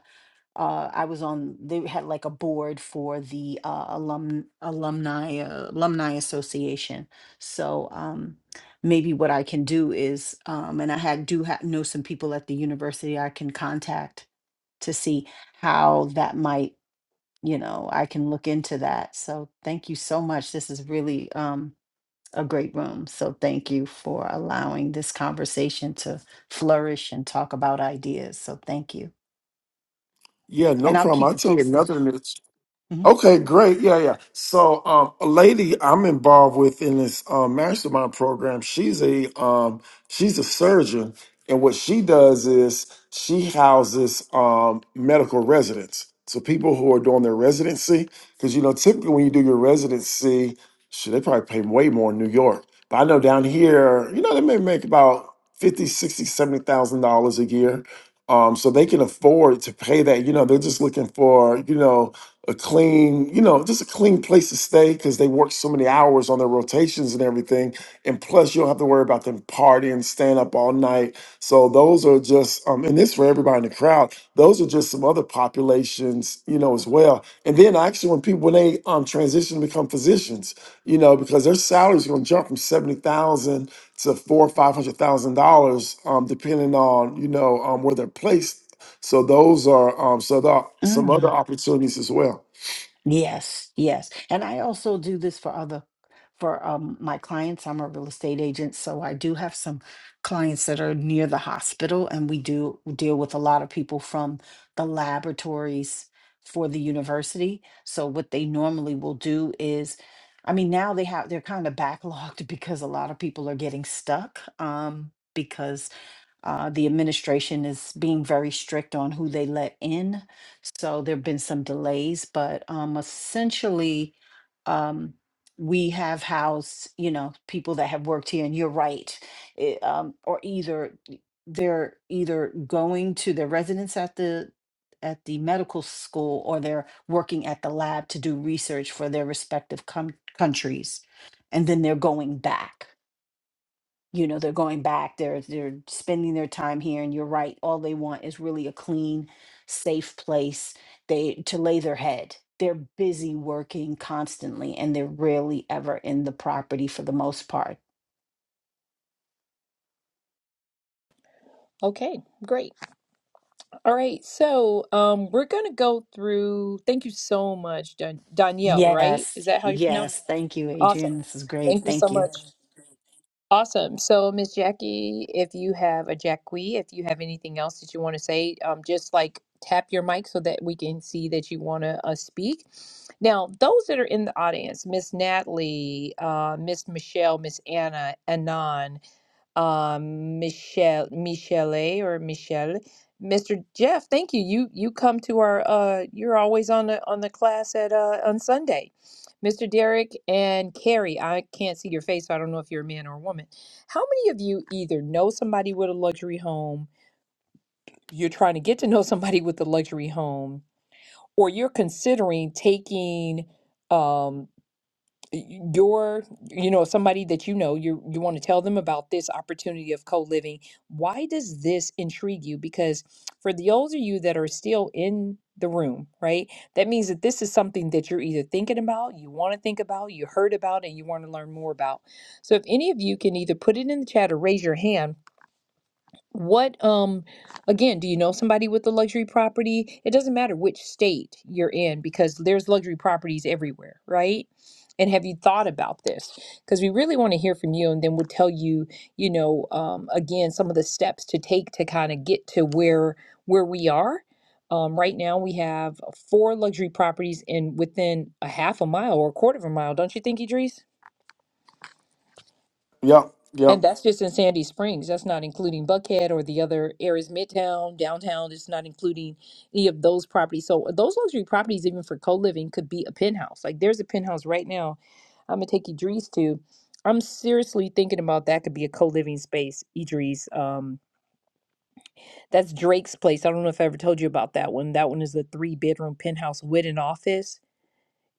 Speaker 5: uh, I was on, they had like a board for the uh, alum, alumni, uh, alumni association. So um, maybe what I can do is, um, and I had, do ha- know some people at the university I can contact to see how that might, you know, I can look into that. So thank you so much. This is really um, a great room. So thank you for allowing this conversation to flourish and talk about ideas. So thank you.
Speaker 2: Yeah, no
Speaker 5: And I'll
Speaker 2: problem.
Speaker 5: keep
Speaker 2: I'll
Speaker 5: you
Speaker 2: tell you
Speaker 5: posted.
Speaker 2: another. Okay, great. Yeah, yeah. So, um, a lady I'm involved with in this um, mastermind program, she's a um, she's a surgeon, and what she does is she houses um, medical residents. So people who are doing their residency, because you know typically when you do your residency, should they probably pay way more in New York. But I know down here, you know, they may make about fifty, sixty, seventy thousand dollars a year um, so they can afford to pay that. You know, they're just looking for you know a clean, you know, just a clean place to stay because they work so many hours on their rotations and everything. And plus, you don't have to worry about them partying, staying up all night. So those are just, um, and this for everybody in the crowd. Those are just some other populations, you know, as well. And then actually, when people when they um, transition to become physicians, you know, because their salaries going to jump from seventy thousand to four or five hundred thousand dollars, um, depending on you know um, where they're placed. So those are um, so there are some other
Speaker 5: Mm,
Speaker 2: opportunities as well.
Speaker 5: yes, yes. And I also do this for other for um my clients. I'm a real estate agent, so I do have some clients that are near the hospital and we do deal with a lot of people from the laboratories for the university. So what they normally will do is I mean now they have they're kind of backlogged because a lot of people are getting stuck um because uh, the administration is being very strict on who they let in. So there have been some delays, but um, essentially, um, we have housed, you know, people that have worked here, and you're right, it, um, or either they're either going to their residence at the at the medical school or they're working at the lab to do research for their respective com- countries and then they're going back you know they're going back they're they're spending their time here and you're right all they want is really a clean safe place they to lay their head they're busy working constantly and they're rarely ever in the property for the most part
Speaker 1: Okay, great. All right, so um, we're gonna go through. Thank you so much, Dan- Danielle. Right? Is
Speaker 5: yes
Speaker 1: that how you pronounce? it?
Speaker 5: yes thank you
Speaker 1: Awesome.
Speaker 5: adrian this is great
Speaker 1: Thank you
Speaker 5: thank
Speaker 1: so
Speaker 5: you
Speaker 1: much. Awesome. So, Miss Jackie, if you have a Jackie, if you have anything else that you want to say, um, just like tap your mic so that we can see that you want to uh, speak. Now, those that are in the audience, Miss Natalie, uh, Miss Michelle, Miss Anna, Anon, uh, Michelle, Michele or Michelle. Mr. Jeff, thank you. You you come to our uh you're always on the on the class at uh on Sunday. Mr. Derek and Carrie, I can't see your face, so I don't know if you're a man or a woman. How many of you either know somebody with a luxury home, you're trying to get to know somebody with a luxury home, or you're considering taking um your you know somebody that you know you you want to tell them about this opportunity of co-living why does this intrigue you because for the older you that are still in the room right that means that this is something that you're either thinking about you want to think about you heard about and you want to learn more about so if any of you can either put it in the chat or raise your hand what, um, again, do you know somebody with a luxury property? It doesn't matter which state you're in because there's luxury properties everywhere, right? And have you thought about this? Because we really want to hear from you, and then we'll tell you, you know, um, again, some of the steps to take to kind of get to where where we are. Um, right now, we have four luxury properties in within a half a mile or a quarter of a mile. Don't you think, Idris?
Speaker 2: Yep, yep.
Speaker 1: And that's just in Sandy Springs. That's not including Buckhead or the other areas, Midtown, downtown. It's not including any of those properties. So those luxury properties, even for co-living, could be a penthouse. Like there's a penthouse right now. I'm gonna take Idris to. I'm seriously thinking about that. Could be a co-living space, Idris. Um, that's Drake's place. I don't know if I ever told you about that one. That one is a three-bedroom penthouse with an office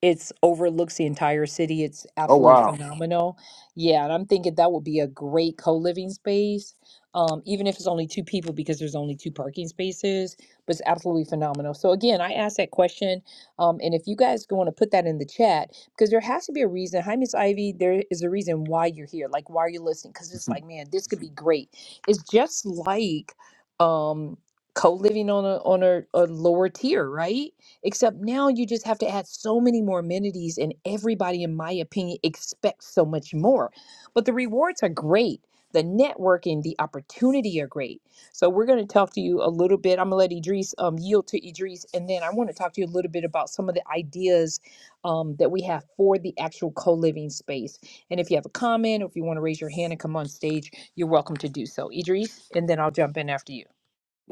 Speaker 1: it's overlooks the entire city. It's
Speaker 2: Oh
Speaker 1: absolutely
Speaker 2: wow.
Speaker 1: phenomenal. Yeah, and I'm thinking that would be a great co-living space, um, even if it's only two people because there's only two parking spaces. But it's absolutely phenomenal. So again, I asked that question, um, and if you guys want to put that in the chat, because there has to be a reason. Hi, Miss Ivy. There is a reason why you're here. Like, why are you listening? Because it's like, man, this could be great. It's just like um, co-living on a on a, a lower tier, right? Except now you just have to add so many more amenities, and everybody, in my opinion, expects so much more. But the rewards are great. The networking, the opportunity are great. So we're going to talk to you a little bit. I'm going to let Idris um, yield to Idris, and then I want to talk to you a little bit about some of the ideas um, that we have for the actual co-living space. And if you have a comment, or if you want to raise your hand and come on stage, you're welcome to do so. Idris, and then I'll jump in after you.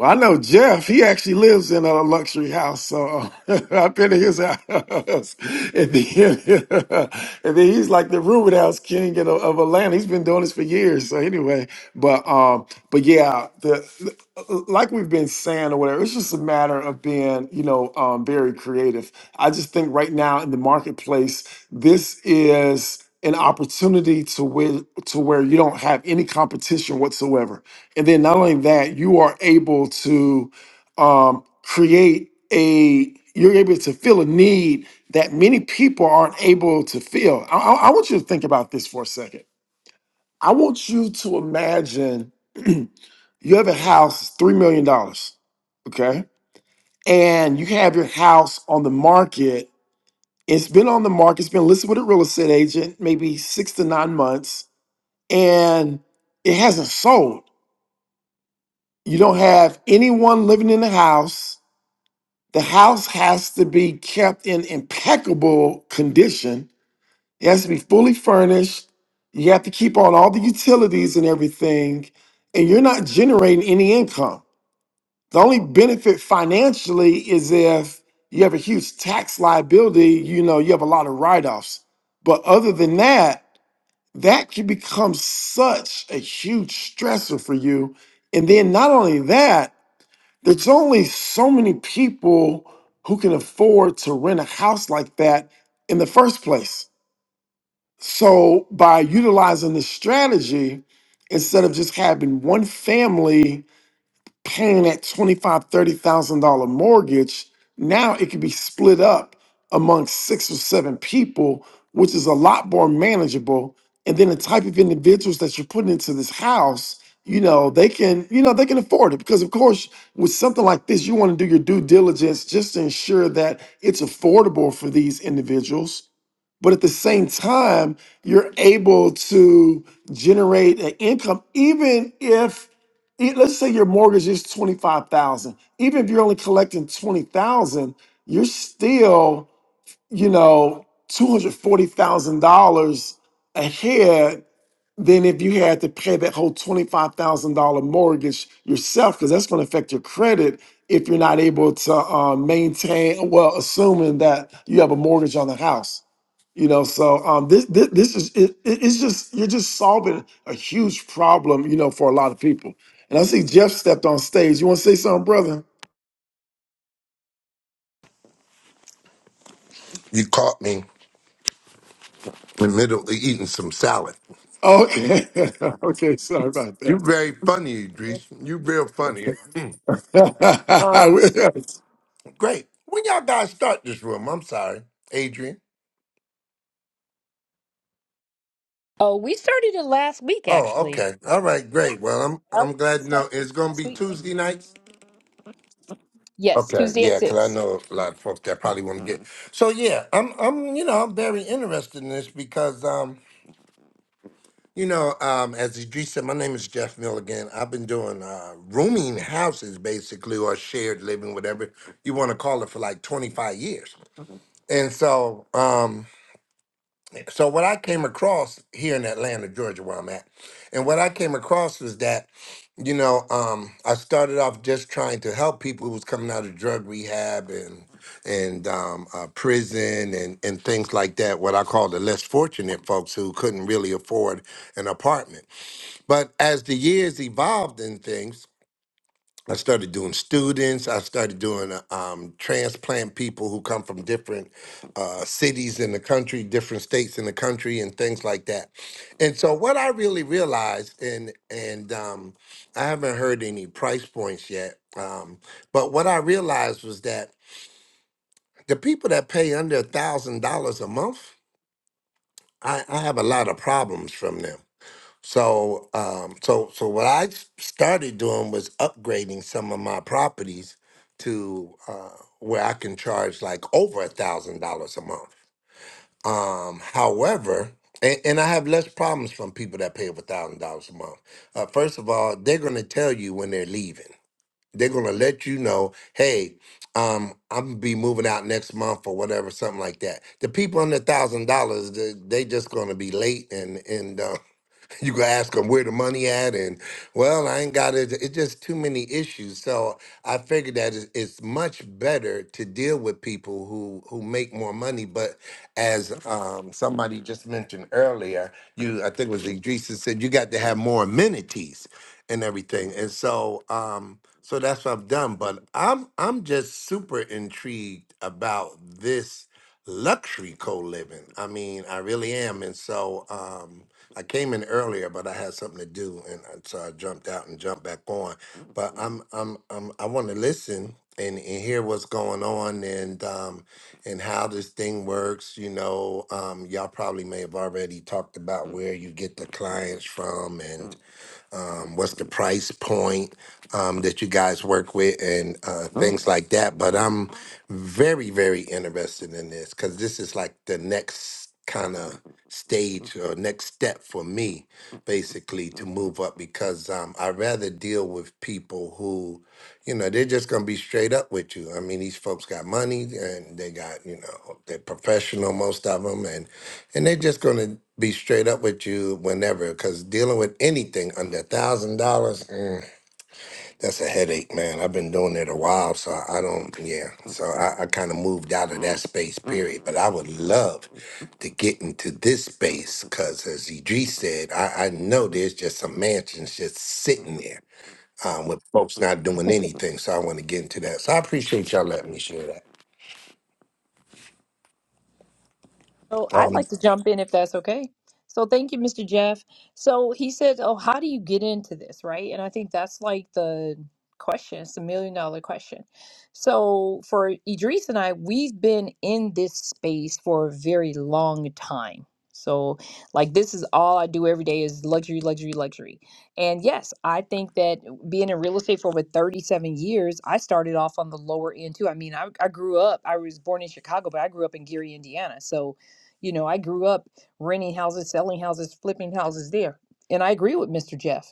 Speaker 2: Well, I know Jeff. He actually lives in a luxury house, so I've been to his house, and then, and then he's like the Rubenhouse King in, of Atlanta. He's been doing this for years. So anyway, But um, but yeah, the the- like we've been saying or whatever, it's just a matter of being, you know, um, very creative. I just think right now in the marketplace, this is an opportunity to where to where you don't have any competition whatsoever. And then not only that, you are able to um, create a you're able to fill a need that many people aren't able to fill. I, I I want you to think about this for a second. I want you to imagine you have a house, $3 million, dollars, okay? And you have your house on the market. It's been on the market, it's been listed with a real estate agent maybe six to nine months, and it hasn't sold. You don't have anyone living in the house. The house has to be kept in impeccable condition, it has to be fully furnished. You have to keep on all the utilities and everything, and you're not generating any income. The only benefit financially is if you have a huge tax liability, you know, you have a lot of write offs. But other than that, that can become such a huge stressor for you. And then not only that, there's only so many people who can afford to rent a house like that in the first place. So by utilizing this strategy, instead of just having one family paying that $25,000, $30,000 mortgage, now it can be split up among six or seven people, which is a lot more manageable. And then the type of individuals that you're putting into this house, you know, they can, you know, they can afford it. Because of course, with something like this, you want to do your due diligence just to ensure that it's affordable for these individuals but at the same time you're able to generate an income even if e- let's say your mortgage is 25,000 even if you're only collecting 20,000 you're still you know $240,000 ahead than if you had to pay that whole $25,000 mortgage yourself cuz that's going to affect your credit if you're not able to uh, maintain well assuming that you have a mortgage on the house you know, so um, this, this this is it, it- it's just you're just solving a huge problem, you know, for a lot of people. And I see Jeff stepped on stage. You want to say something, brother?
Speaker 6: You caught me in the middle of eating some salad.
Speaker 2: Okay, okay, sorry about
Speaker 6: You're
Speaker 2: that.
Speaker 6: very funny, Idris. you real funny. um, great. When y'all guys start this room? I'm sorry, Adrian.
Speaker 1: Oh, we started it last week,
Speaker 6: Oh,
Speaker 1: actually.
Speaker 6: okay. All right, great. Well, I'm
Speaker 1: Yep,
Speaker 6: I'm
Speaker 1: we just
Speaker 6: glad. No,
Speaker 1: started it
Speaker 6: it's gonna
Speaker 1: last
Speaker 6: be
Speaker 1: week. Thank
Speaker 6: Tuesday nights.
Speaker 1: you. Yes,
Speaker 6: Okay,
Speaker 1: Tuesday at
Speaker 6: yeah, because I
Speaker 1: six.
Speaker 6: know a lot of folks that probably want to get. So yeah, I'm I'm you know I'm very interested in this because um You know, um, as Idris said, my name is Jeff Milligan. I've been doing uh, rooming houses, basically, or shared living, whatever you want to call it, for like 25 years. And so, um, so what I came across here in Atlanta, Georgia, where I'm at, and what I came across was that, you know, um, I started off just trying to help people who was coming out of drug rehab and and um, uh, prison and and things like that. What I call the less fortunate folks who couldn't really afford an apartment but as the years evolved and things, I started doing students. I started doing uh, um, transplant people who come from different uh, cities in the country, different states in the country, and things like that. And so, what I really realized, and and um, I haven't heard any price points yet, um, but what I realized was that the people that pay under a thousand dollars a month, I, I have a lot of problems from them So, um, so, so what I s- started doing was upgrading some of my properties to uh, where I can charge like over a thousand dollars a month. Um, however, and, and I have less problems from people that pay over thousand dollars a month. Uh, first of all, they're gonna tell you when they're leaving. They're gonna let you know, hey, um, I'm gonna be moving out next month or whatever, something like that. The people under thousand dollars, they they just gonna be late and and. uh, you can ask them where the money at and well i ain't got it it's just too many issues so i figured that it's it's much better to deal with people who who make more money but as um, somebody just mentioned earlier you i think it was idrisa said you got to have more amenities and everything and so um so that's what i've done but i'm i'm just super intrigued about this luxury co-living i mean i really am and so um I came in earlier, but I had something to do, and I- so I jumped out and jumped back on. But I'm I'm, I'm I want to listen and, and hear what's going on and um and how this thing works. You know, um, y'all probably may have already talked about where you get the clients from and um, what's the price point um, that you guys work with and uh, Mm. things like that. But I'm very, very interested in this because this is like the next kind of stage or next step for me, basically, to move up because um, I rather deal with people who, you know, they're just going to be straight up with you. I mean, these folks got money and they got, you know, they're professional, most of them, and and they're just going to be straight up with you whenever because dealing with anything under a thousand dollars mm, that's a headache man i've been doing it a while so i don't yeah so i, I kind of moved out of that space period but i would love to get into this space because as idris said I, I know there's just some mansions just sitting there um, with folks not doing anything so i want to get into that so i appreciate y'all letting me share that
Speaker 1: So I'd
Speaker 6: Um,
Speaker 1: like to jump in if that's okay. So thank you, Mr. Jeff. So he said, "Oh, how do you get into this?" Right, and I think that's like the question. It's a million dollar question. So for Idris and I, we've been in this space for a very long time. So like this is all I do every day is luxury, luxury, luxury. And yes, I think that being in real estate for over 37 years, I started off on the lower end too. I mean, I, I grew up, I was born in Chicago, but I grew up in Gary, Indiana. So you know, I grew up renting houses, selling houses, flipping houses there. And I agree with Mr. Jeff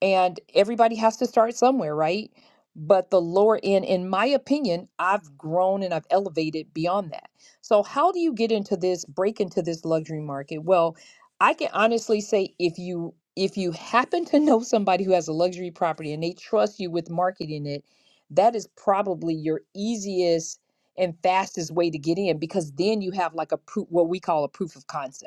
Speaker 1: and everybody has to start somewhere, right? But the lower end, in my opinion, I've grown and I've elevated beyond that. So, how do you get into this, break into this luxury market? Well, I can honestly say if you if you happen to know somebody who has a luxury property and they trust you with marketing it, that is probably your easiest and fastest way to get in because then you have like a proof what we call a proof of concept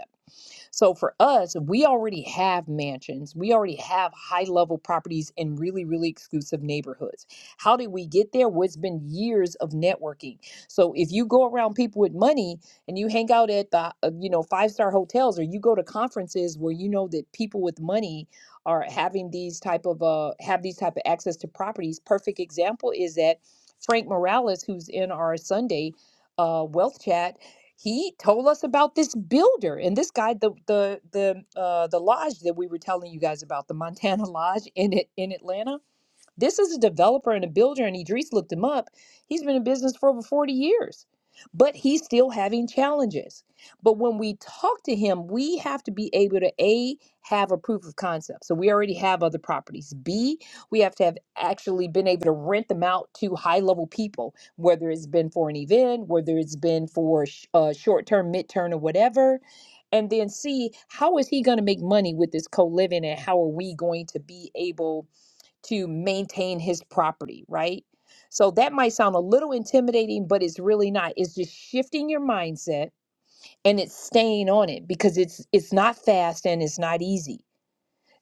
Speaker 1: so for us, we already have mansions, we already have high level properties in really, really exclusive neighborhoods. How did we get there? Well, it's been years of networking. So if you go around people with money and you hang out at the, uh, you know, five star hotels or you go to conferences where you know that people with money are having these type of uh have these type of access to properties. Perfect example is that Frank Morales, who's in our Sunday uh, wealth chat he told us about this builder and this guy the the the uh the lodge that we were telling you guys about the montana lodge in it in atlanta this is a developer and a builder, and Idris looked him up. He's been in business for over 40 years, but he's still having challenges. But when we talk to him, we have to be able to A, have a proof of concept. So we already have other properties. B, we have to have actually been able to rent them out to high level people, whether it's been for an event, whether it's been for sh- uh, short term, mid term, or whatever. And then C, how is he going to make money with this co living, and how are we going to be able? to maintain his property, right? So that might sound a little intimidating, but it's really not. It's just shifting your mindset and it's staying on it because it's it's not fast and it's not easy.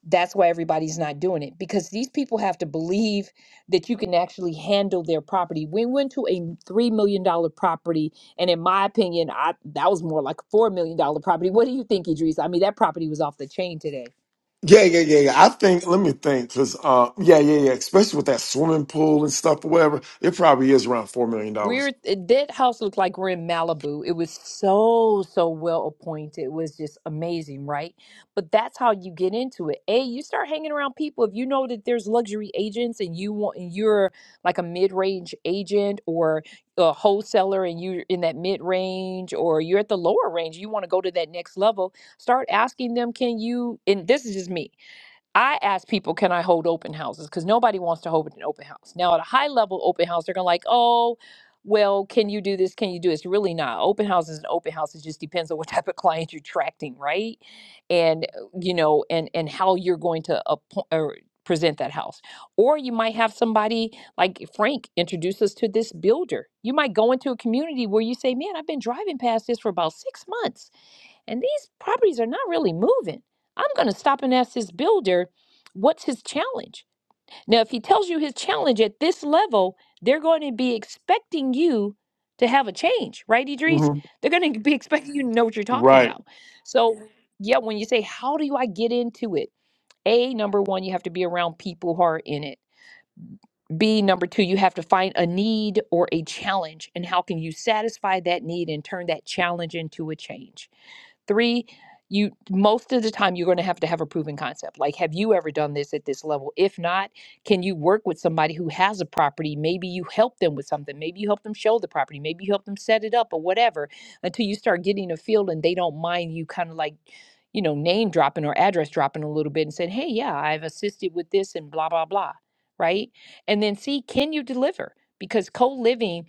Speaker 1: That's why everybody's not doing it because these people have to believe that you can actually handle their property. We went to a three million dollar property, and in my opinion, I that was more like a four million dollar property. What do you think, Idris? I mean, that property was off the chain today
Speaker 2: yeah, yeah, yeah, yeah. I think. Let me think, because uh, yeah, yeah, yeah. Especially with that swimming pool and stuff or whatever, it probably is around four million
Speaker 1: We're
Speaker 2: dollars.
Speaker 1: it- that house looked like we're in Malibu. It was so so well appointed. It was just amazing, right? But that's how you get into it. A, you start hanging around people. If you know that there's luxury agents and you want and you're like a mid range agent or a wholesaler and you're in that mid range or you're at the lower range, you want to go to that next level. Start asking them, can you? And this is just me I ask people, can I hold open houses? Because nobody wants to hold an open house. Now, at a high level open house, they're going to like, oh, well, can you do this? Can you do this? Really not. Open house is an open house. It just depends on what type of client you're attracting, right? And, uh, you know, and, and how you're going to appo- or present that house. Or you might have somebody like Frank introduce us to this builder. You might go into a community where you say, man, I've been driving past this for about six months and these properties are not really moving. I'm going to stop and ask this builder, what's his challenge? Now, if he tells you his challenge at this level, they're going to be expecting you to have a change, right, Idris?
Speaker 2: hmm
Speaker 1: They're going to be expecting you to know what you're talking
Speaker 2: Right.
Speaker 1: about. So, yeah, yeah, when you say, how do I get into it? A, number one, you have to be around people who are in it. B, number two, you have to find a need or a challenge, and how can you satisfy that need and turn that challenge into a change? Three, you most of the time you're going to have to have a proven concept. Like, have you ever done this at this level? If not, can you work with somebody who has a property? Maybe you help them with something. Maybe you help them show the property. Maybe you help them set it up or whatever until you start getting a feel and they don't mind you kind of like, you know, name dropping or address dropping a little bit and said, hey, yeah, I've assisted with this and blah, blah, blah. Right. And then see, can you deliver? Because co living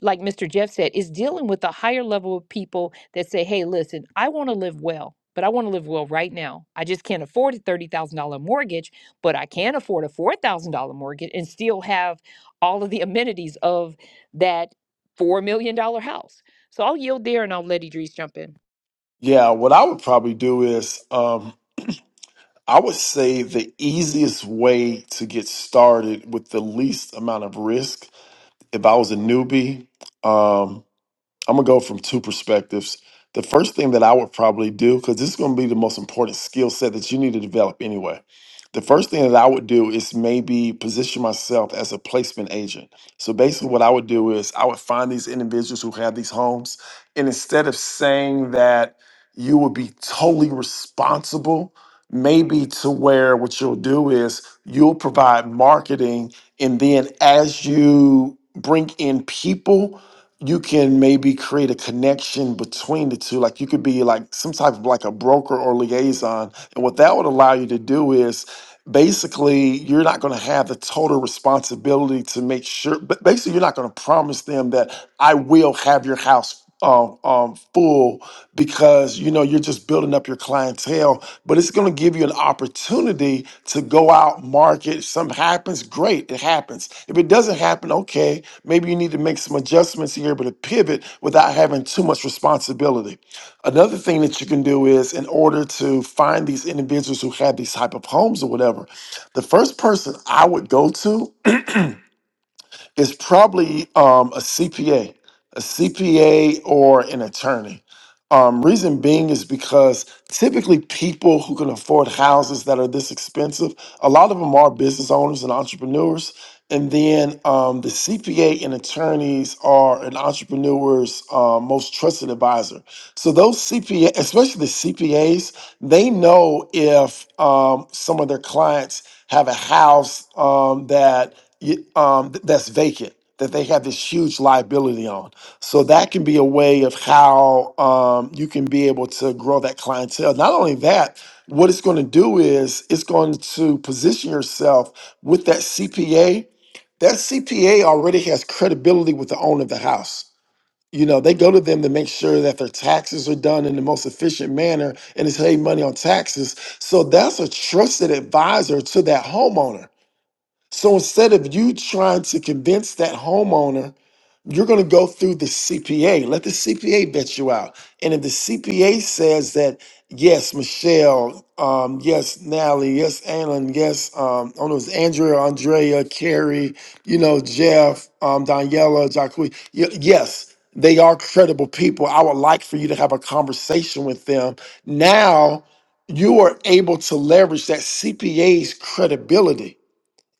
Speaker 1: like Mr. Jeff said, is dealing with a higher level of people that say, hey, listen, I want to live well, but I want to live well right now. I just can't afford a $30,000 mortgage, but I can afford a $4,000 mortgage and still have all of the amenities of that $4 million dollar house. So I'll yield there and I'll let Idris jump in.
Speaker 2: Yeah. What I would probably do is. Um, I would say the easiest way to get started with the least amount of risk, if I was a newbie, um, I'm gonna go from two perspectives. The first thing that I would probably do, because this is gonna be the most important skill set that you need to develop anyway. The first thing that I would do is maybe position myself as a placement agent. So basically, what I would do is I would find these individuals who have these homes, and instead of saying that you would be totally responsible, maybe to where what you'll do is you'll provide marketing, and then as you bring in people you can maybe create a connection between the two. Like you could be like some type of like a broker or liaison. And what that would allow you to do is basically you're not going to have the total responsibility to make sure, but basically you're not going to promise them that I will have your house um, um, full because you know you're just building up your clientele but it's going to give you an opportunity to go out market if something happens great it happens if it doesn't happen okay maybe you need to make some adjustments here but to pivot without having too much responsibility another thing that you can do is in order to find these individuals who have these type of homes or whatever the first person i would go to is probably um, a cpa a cpa or an attorney um, reason being is because typically people who can afford houses that are this expensive, a lot of them are business owners and entrepreneurs. And then um, the CPA and attorneys are an entrepreneur's uh, most trusted advisor. So those CPA, especially the CPAs, they know if um, some of their clients have a house um, that y- um, th- that's vacant that they have this huge liability on. So that can be a way of how um, you can be able to grow that clientele. Not only that, what it's going to do is it's going to position yourself with that CPA. That CPA already has credibility with the owner of the house. You know, they go to them to make sure that their taxes are done in the most efficient manner and is saving money on taxes. So that's a trusted advisor to that homeowner so instead of you trying to convince that homeowner, you're going to go through the CPA. Let the CPA vet you out. And if the CPA says that, yes, Michelle, um, yes, Nally, yes, Alan, yes, um, I don't know, it's Andrea, Andrea, Carrie, you know, Jeff, um, Daniela, Jacque, y- yes, they are credible people. I would like for you to have a conversation with them. Now you are able to leverage that CPA's credibility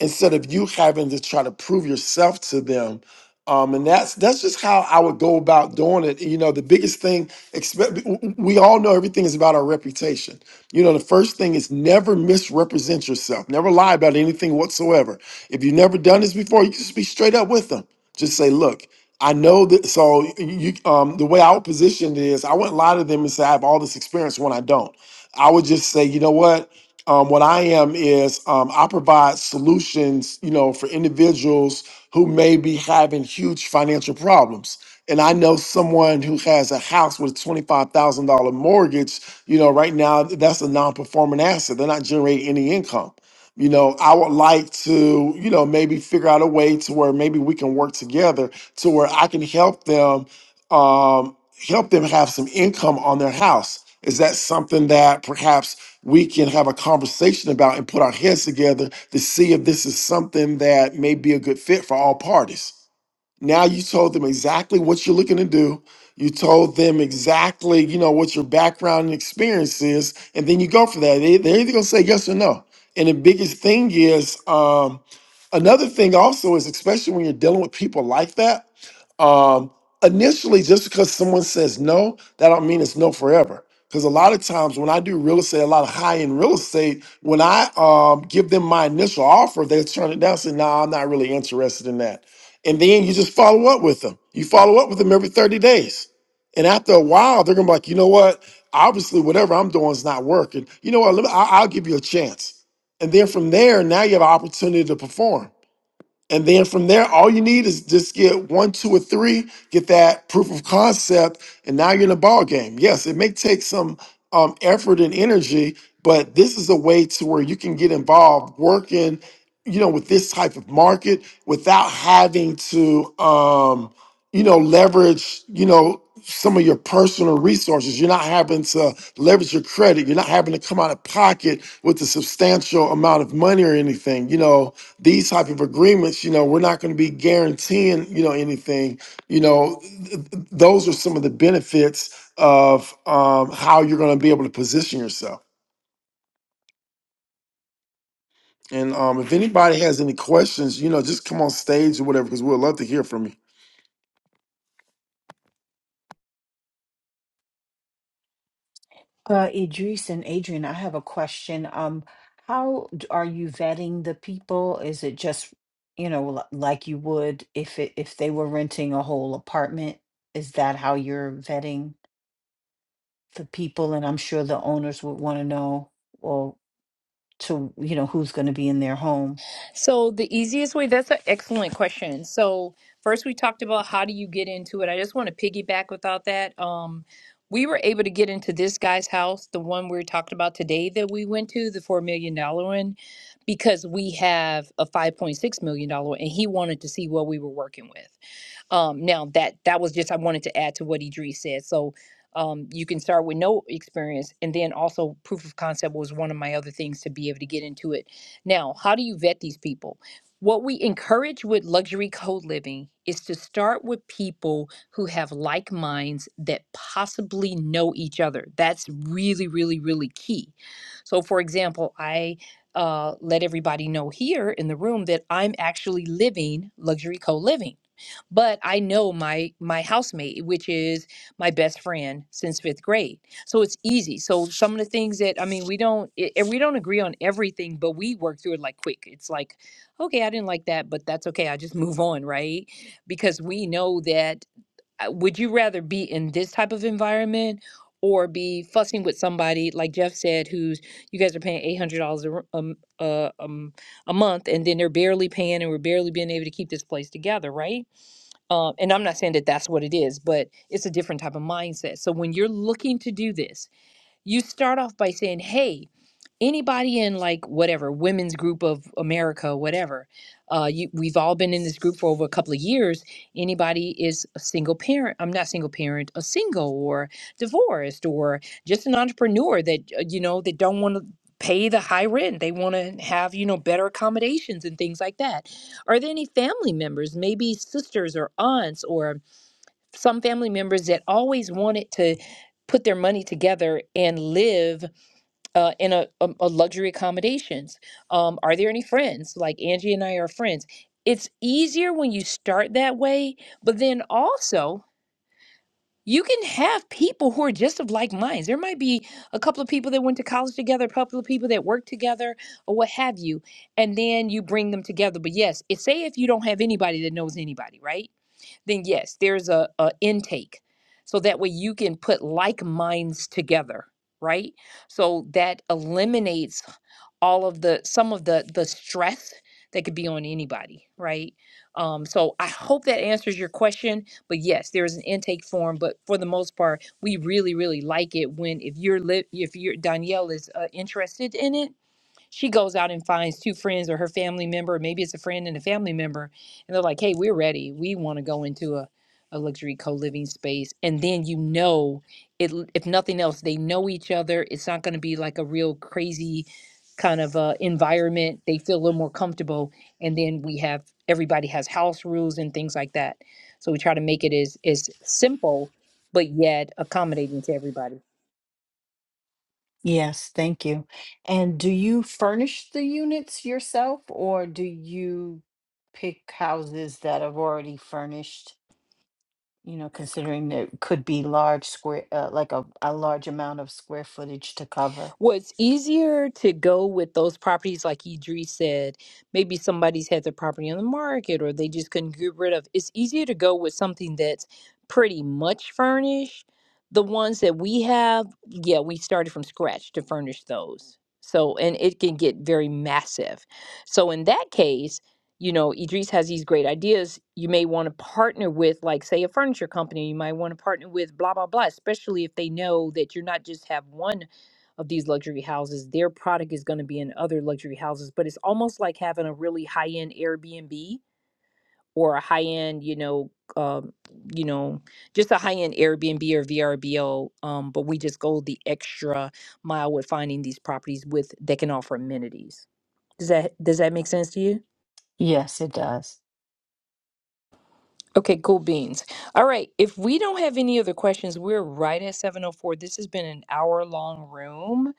Speaker 2: instead of you having to try to prove yourself to them. Um, and that's that's just how I would go about doing it. You know, the biggest thing, expect, we all know everything is about our reputation. You know, the first thing is never misrepresent yourself. Never lie about anything whatsoever. If you've never done this before, you just be straight up with them. Just say, look, I know that. So you, um, the way I would position it is, I wouldn't lie to them and say I have all this experience when I don't. I would just say, you know what? Um, what I am is um, I provide solutions, you know, for individuals who may be having huge financial problems. And I know someone who has a house with a twenty-five thousand dollar mortgage. You know, right now that's a non-performing asset. They're not generating any income. You know, I would like to, you know, maybe figure out a way to where maybe we can work together to where I can help them um, help them have some income on their house. Is that something that perhaps we can have a conversation about and put our heads together to see if this is something that may be a good fit for all parties? Now you told them exactly what you're looking to do. You told them exactly, you know, what your background and experience is, and then you go for that. They, they're either gonna say yes or no. And the biggest thing is, um, another thing also is, especially when you're dealing with people like that, um, initially, just because someone says no, that don't mean it's no forever. Because a lot of times when I do real estate, a lot of high end real estate, when I um, give them my initial offer, they turn it down. Say, "No, I'm not really interested in that." And then you just follow up with them. You follow up with them every 30 days. And after a while, they're gonna be like, you know what? Obviously, whatever I'm doing is not working. You know what? Let me, I, I'll give you a chance. And then from there, now you have an opportunity to perform. And then from there, all you need is just get one, two, or three, get that proof of concept, and now you're in a ball game. Yes, it may take some um, effort and energy, but this is a way to where you can get involved working, you know, with this type of market without having to. Um, you know, leverage, you know, some of your personal resources. You're not having to leverage your credit. You're not having to come out of pocket with a substantial amount of money or anything. You know, these type of agreements, you know, we're not going to be guaranteeing, you know, anything. You know, th- th- those are some of the benefits of um, how you're going to be able to position yourself. And um, if anybody has any questions, you know, just come on stage or whatever, because we'd love to hear from you.
Speaker 5: Uh, Idris and Adrian, I have a question. Um, how d- are you vetting the people? Is it just, you know, l- like you would if it if they were renting a whole apartment? Is that how you're vetting the people? And I'm sure the owners would want to know, well, to, you know, who's going to be in their home.
Speaker 1: So the easiest way, that's an excellent question. So first we talked about how do you get into it. I just want to piggyback without that. Um, we were able to get into this guy's house, the one we talked about today that we went to, the four million dollar one, because we have a five point six million dollar one and he wanted to see what we were working with. Um, now that that was just I wanted to add to what Idris said. So um, you can start with no experience, and then also proof of concept was one of my other things to be able to get into it. Now, how do you vet these people? What we encourage with luxury code living is to start with people who have like minds that possibly know each other. That's really, really, really key. So, for example, I uh, let everybody know here in the room that I'm actually living luxury co living but I know my my housemate, which is my best friend since fifth grade. So it's easy. So some of the things that I mean, we don't i- and we don't agree on everything, but we work through it like quick. It's like, okay, I didn't like that, but that's okay. I just move on, right? Because we know that. uh, Would you rather be in this type of environment? Or be fussing with somebody like Jeff said, who's you guys are paying eight hundred dollars um, uh, um, a month, and then they're barely paying, and we're barely being able to keep this place together, right? um, and I'm not saying that that's what it is, but it's a different type of mindset. So when you're looking to do this, you start off by saying, "Hey, anybody in like whatever women's group of america whatever uh you, we've all been in this group for over a couple of years anybody is a single parent i'm not single parent a single or divorced or just an entrepreneur that uh, you know that don't want to pay the high rent they want to have you know better accommodations and things like that are there any family members maybe sisters or aunts or some family members that always wanted to put their money together and live uh, in a, a, a luxury accommodations? Um, are there any friends? Like Angie and I are friends. It's easier when you start that way, but then also you can have people who are just of like minds. There might be a couple of people that went to college together, a couple of people that work together, or what have you, and then you bring them together. But yes, it, say if you don't have anybody that knows anybody, right? Then yes, there's a, a intake, so that way you can put like minds together, right? So that eliminates all of the some of the the stress that could be on anybody right um so i hope that answers your question but yes there is an intake form but for the most part we really really like it when if you're li- if your danielle is uh, interested in it she goes out and finds two friends or her family member, or maybe it's a friend and a family member, and they're like, hey, we're ready. We want to go into a, a luxury co living space. And then you know, it, if nothing else, they know each other. It's not going to be like a real crazy kind of uh, environment. They feel a little more comfortable. And then we have everybody has house rules and things like that. So we try to make it as, as simple, but yet accommodating to everybody.
Speaker 5: Yes, thank you. And do you furnish the units yourself or do you pick houses that are already furnished? you know, considering there could be large square, uh, like a, a large amount of square footage to cover.
Speaker 1: was easier to go with those properties like Idris said maybe somebody's had their property on the market or they just couldn't get rid of it's easier to go with something that's pretty much furnished the ones that we have yeah we started from scratch to furnish those so and it can get very massive so in that case you know Idris has these great ideas you may want to partner with like say a furniture company you might want to partner with blah blah blah especially if they know that you're not just have one of these luxury houses. Their product is going to be in other luxury houses, but it's almost like having a really high end Airbnb or a high end, you know, um, you know, just a high end Airbnb or VRBO. Um, but we just go the extra mile with finding these properties with that can offer amenities. Does that does that make sense to you?
Speaker 5: Yes, it does.
Speaker 1: Okay, cool beans. All right, if we don't have any other questions, we're right at 7:04. This has been an hour long room.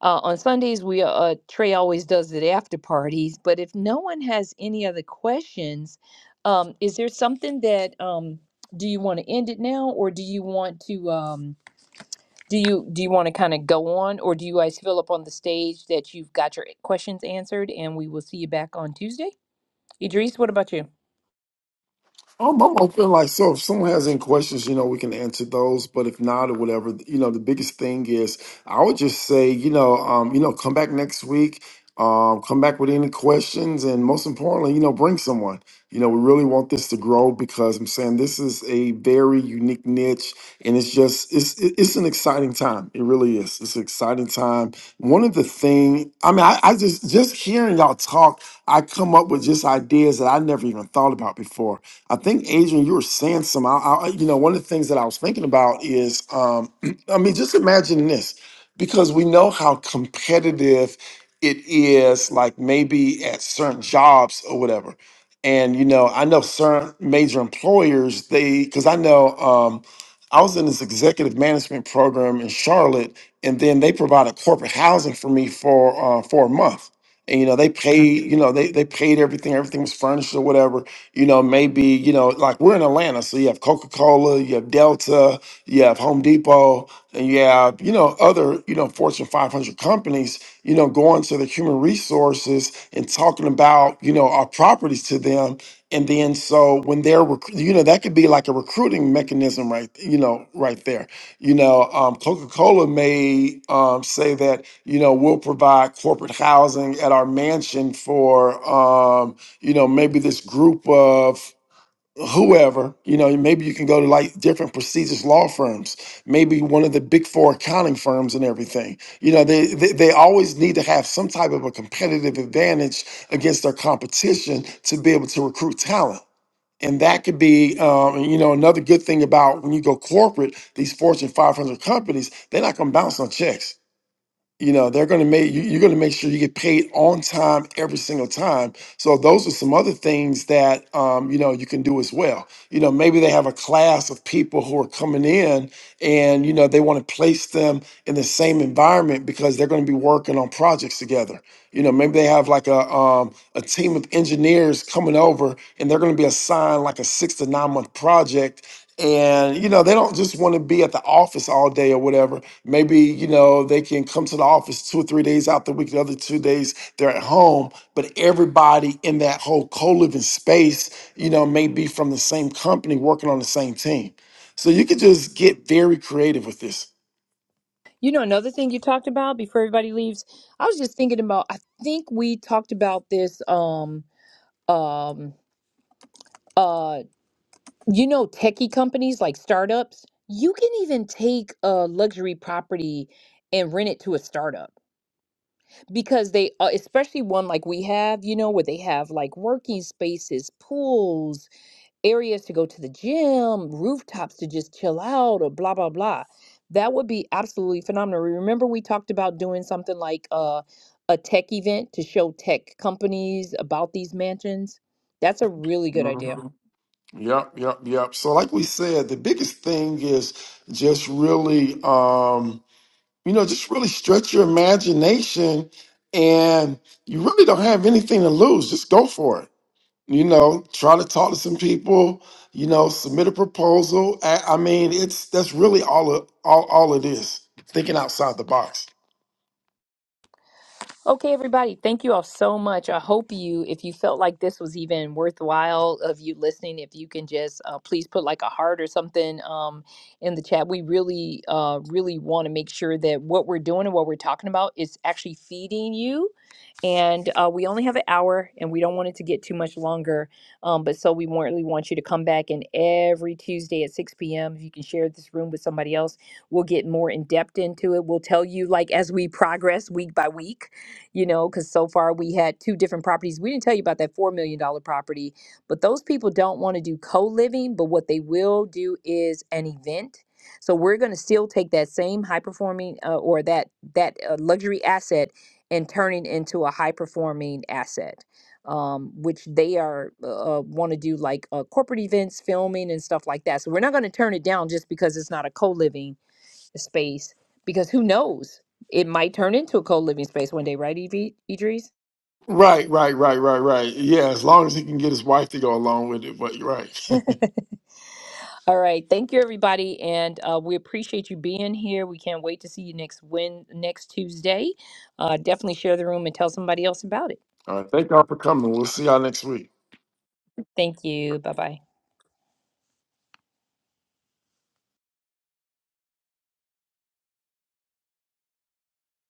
Speaker 1: Uh, on Sundays, we uh, Trey always does it after parties. But if no one has any other questions, um, is there something that um, do you want to end it now, or do you want to um, do you do you want to kind of go on, or do you guys feel up on the stage that you've got your questions answered, and we will see you back on Tuesday? Idris, what about you?
Speaker 2: Um, I'm open. Like, so if someone has any questions, you know, we can answer those. But if not, or whatever, you know, the biggest thing is, I would just say, you know, um, you know, come back next week. Um, come back with any questions, and most importantly, you know, bring someone. You know, we really want this to grow because I'm saying this is a very unique niche, and it's just it's it- it's an exciting time. It really is. It's an exciting time. One of the thing, I mean, I, I just just hearing y'all talk, I come up with just ideas that I never even thought about before I think Adrian, you were saying some. I, I, you know, one of the things that I was thinking about is, um, I mean, just imagine this, because we know how competitive it is. Like maybe at certain jobs or whatever, and you know, I know certain major employers. They, because I know, um, I was in this executive management program in Charlotte, and then they provided corporate housing for me for uh, for a month. And you know, they paid. You know, they they paid everything. Everything was furnished or whatever you know, maybe, you know, like we're in Atlanta, so you have Coca Cola, you have Delta, you have Home Depot, and you have, you know, other, you know, Fortune 500 companies, you know, going to the human resources and talking about, you know, our properties to them. And then so when they're, rec- you know, that could be like a recruiting mechanism, right? You know, right there. You know, um, Coca Cola may um, say that, you know, we'll provide corporate housing at our mansion for, um, you know, maybe this group of whoever, you know, maybe you can go to like different prestigious law firms, maybe one of the big four accounting firms and everything. You know, they, they, they always need to have some type of a competitive advantage against their competition to be able to recruit talent. And that could be, um, you know, another good thing about when you go corporate, these Fortune 500 companies, they're not going to bounce on checks you know they're going to make you- you're going to make sure you get paid on time every single time so those are some other things that um, you know you can do as well you know maybe they have a class of people who are coming in and you know they want to place them in the same environment because they're going to be working on projects together you know maybe they have like a um, a team of engineers coming over and they're going to be assigned like a six to nine month project and you know they don't just want to be at the office all day or whatever maybe you know they can come to the office two or three days out the week the other two days they're at home but everybody in that whole co-living space you know may be from the same company working on the same team so you could just get very creative with this
Speaker 1: You know, another thing you talked about before everybody leaves, I was just thinking about. I think we talked about this. Um, um, uh, you know, techie companies like startups, you can even take a luxury property and rent it to a startup because they, uh, especially one like we have, you know, where they have like working spaces, pools, areas to go to the gym, rooftops to just chill out, or blah, blah, blah. That would be absolutely phenomenal. Remember, we talked about doing something like uh, a tech event to show tech companies about these mansions? That's a really good idea.
Speaker 2: Mhm. yep yep yep so like we said the biggest thing is just really Um, you know, just really stretch your imagination and you really don't have anything to lose. Just go for it. You know, try to talk to some people, you know, submit a proposal. I, I mean, it's that's really all of all, all it is. Thinking outside the box.
Speaker 1: Okay, everybody, thank you all so much. I hope you, if you felt like this was even worthwhile of you listening, if you can just uh, please put like a heart or something um, in the chat. We really, uh, really want to make sure that what we're doing and what we're talking about is actually feeding you and uh, we only have an hour and we don't want it to get too much longer um, but so we want- really want you to come back and every tuesday at 6 p.m if you can share this room with somebody else we'll get more in depth into it we'll tell you like as we progress week by week you know because so far we had two different properties we didn't tell you about that $4 million dollar property but those people don't want to do co-living but what they will do is an event so we're going to still take that same high performing uh, or that that uh, luxury asset and turning into a high performing asset um, which they are uh, want to do like uh, corporate events filming and stuff like that so we're not going to turn it down just because it's not a co-living space because who knows it might turn into a co-living space one day right Ev- idris
Speaker 2: Right, right, right, right, right. Yeah, as long as he can get his wife to go along with it, but you're right.
Speaker 1: all right thank you everybody and uh, we appreciate you being here we can't wait to see you next win next tuesday uh, definitely share the room and tell somebody else about it
Speaker 2: all right, thank y'all for coming. We'll see y'all next week.
Speaker 1: thank you bye bye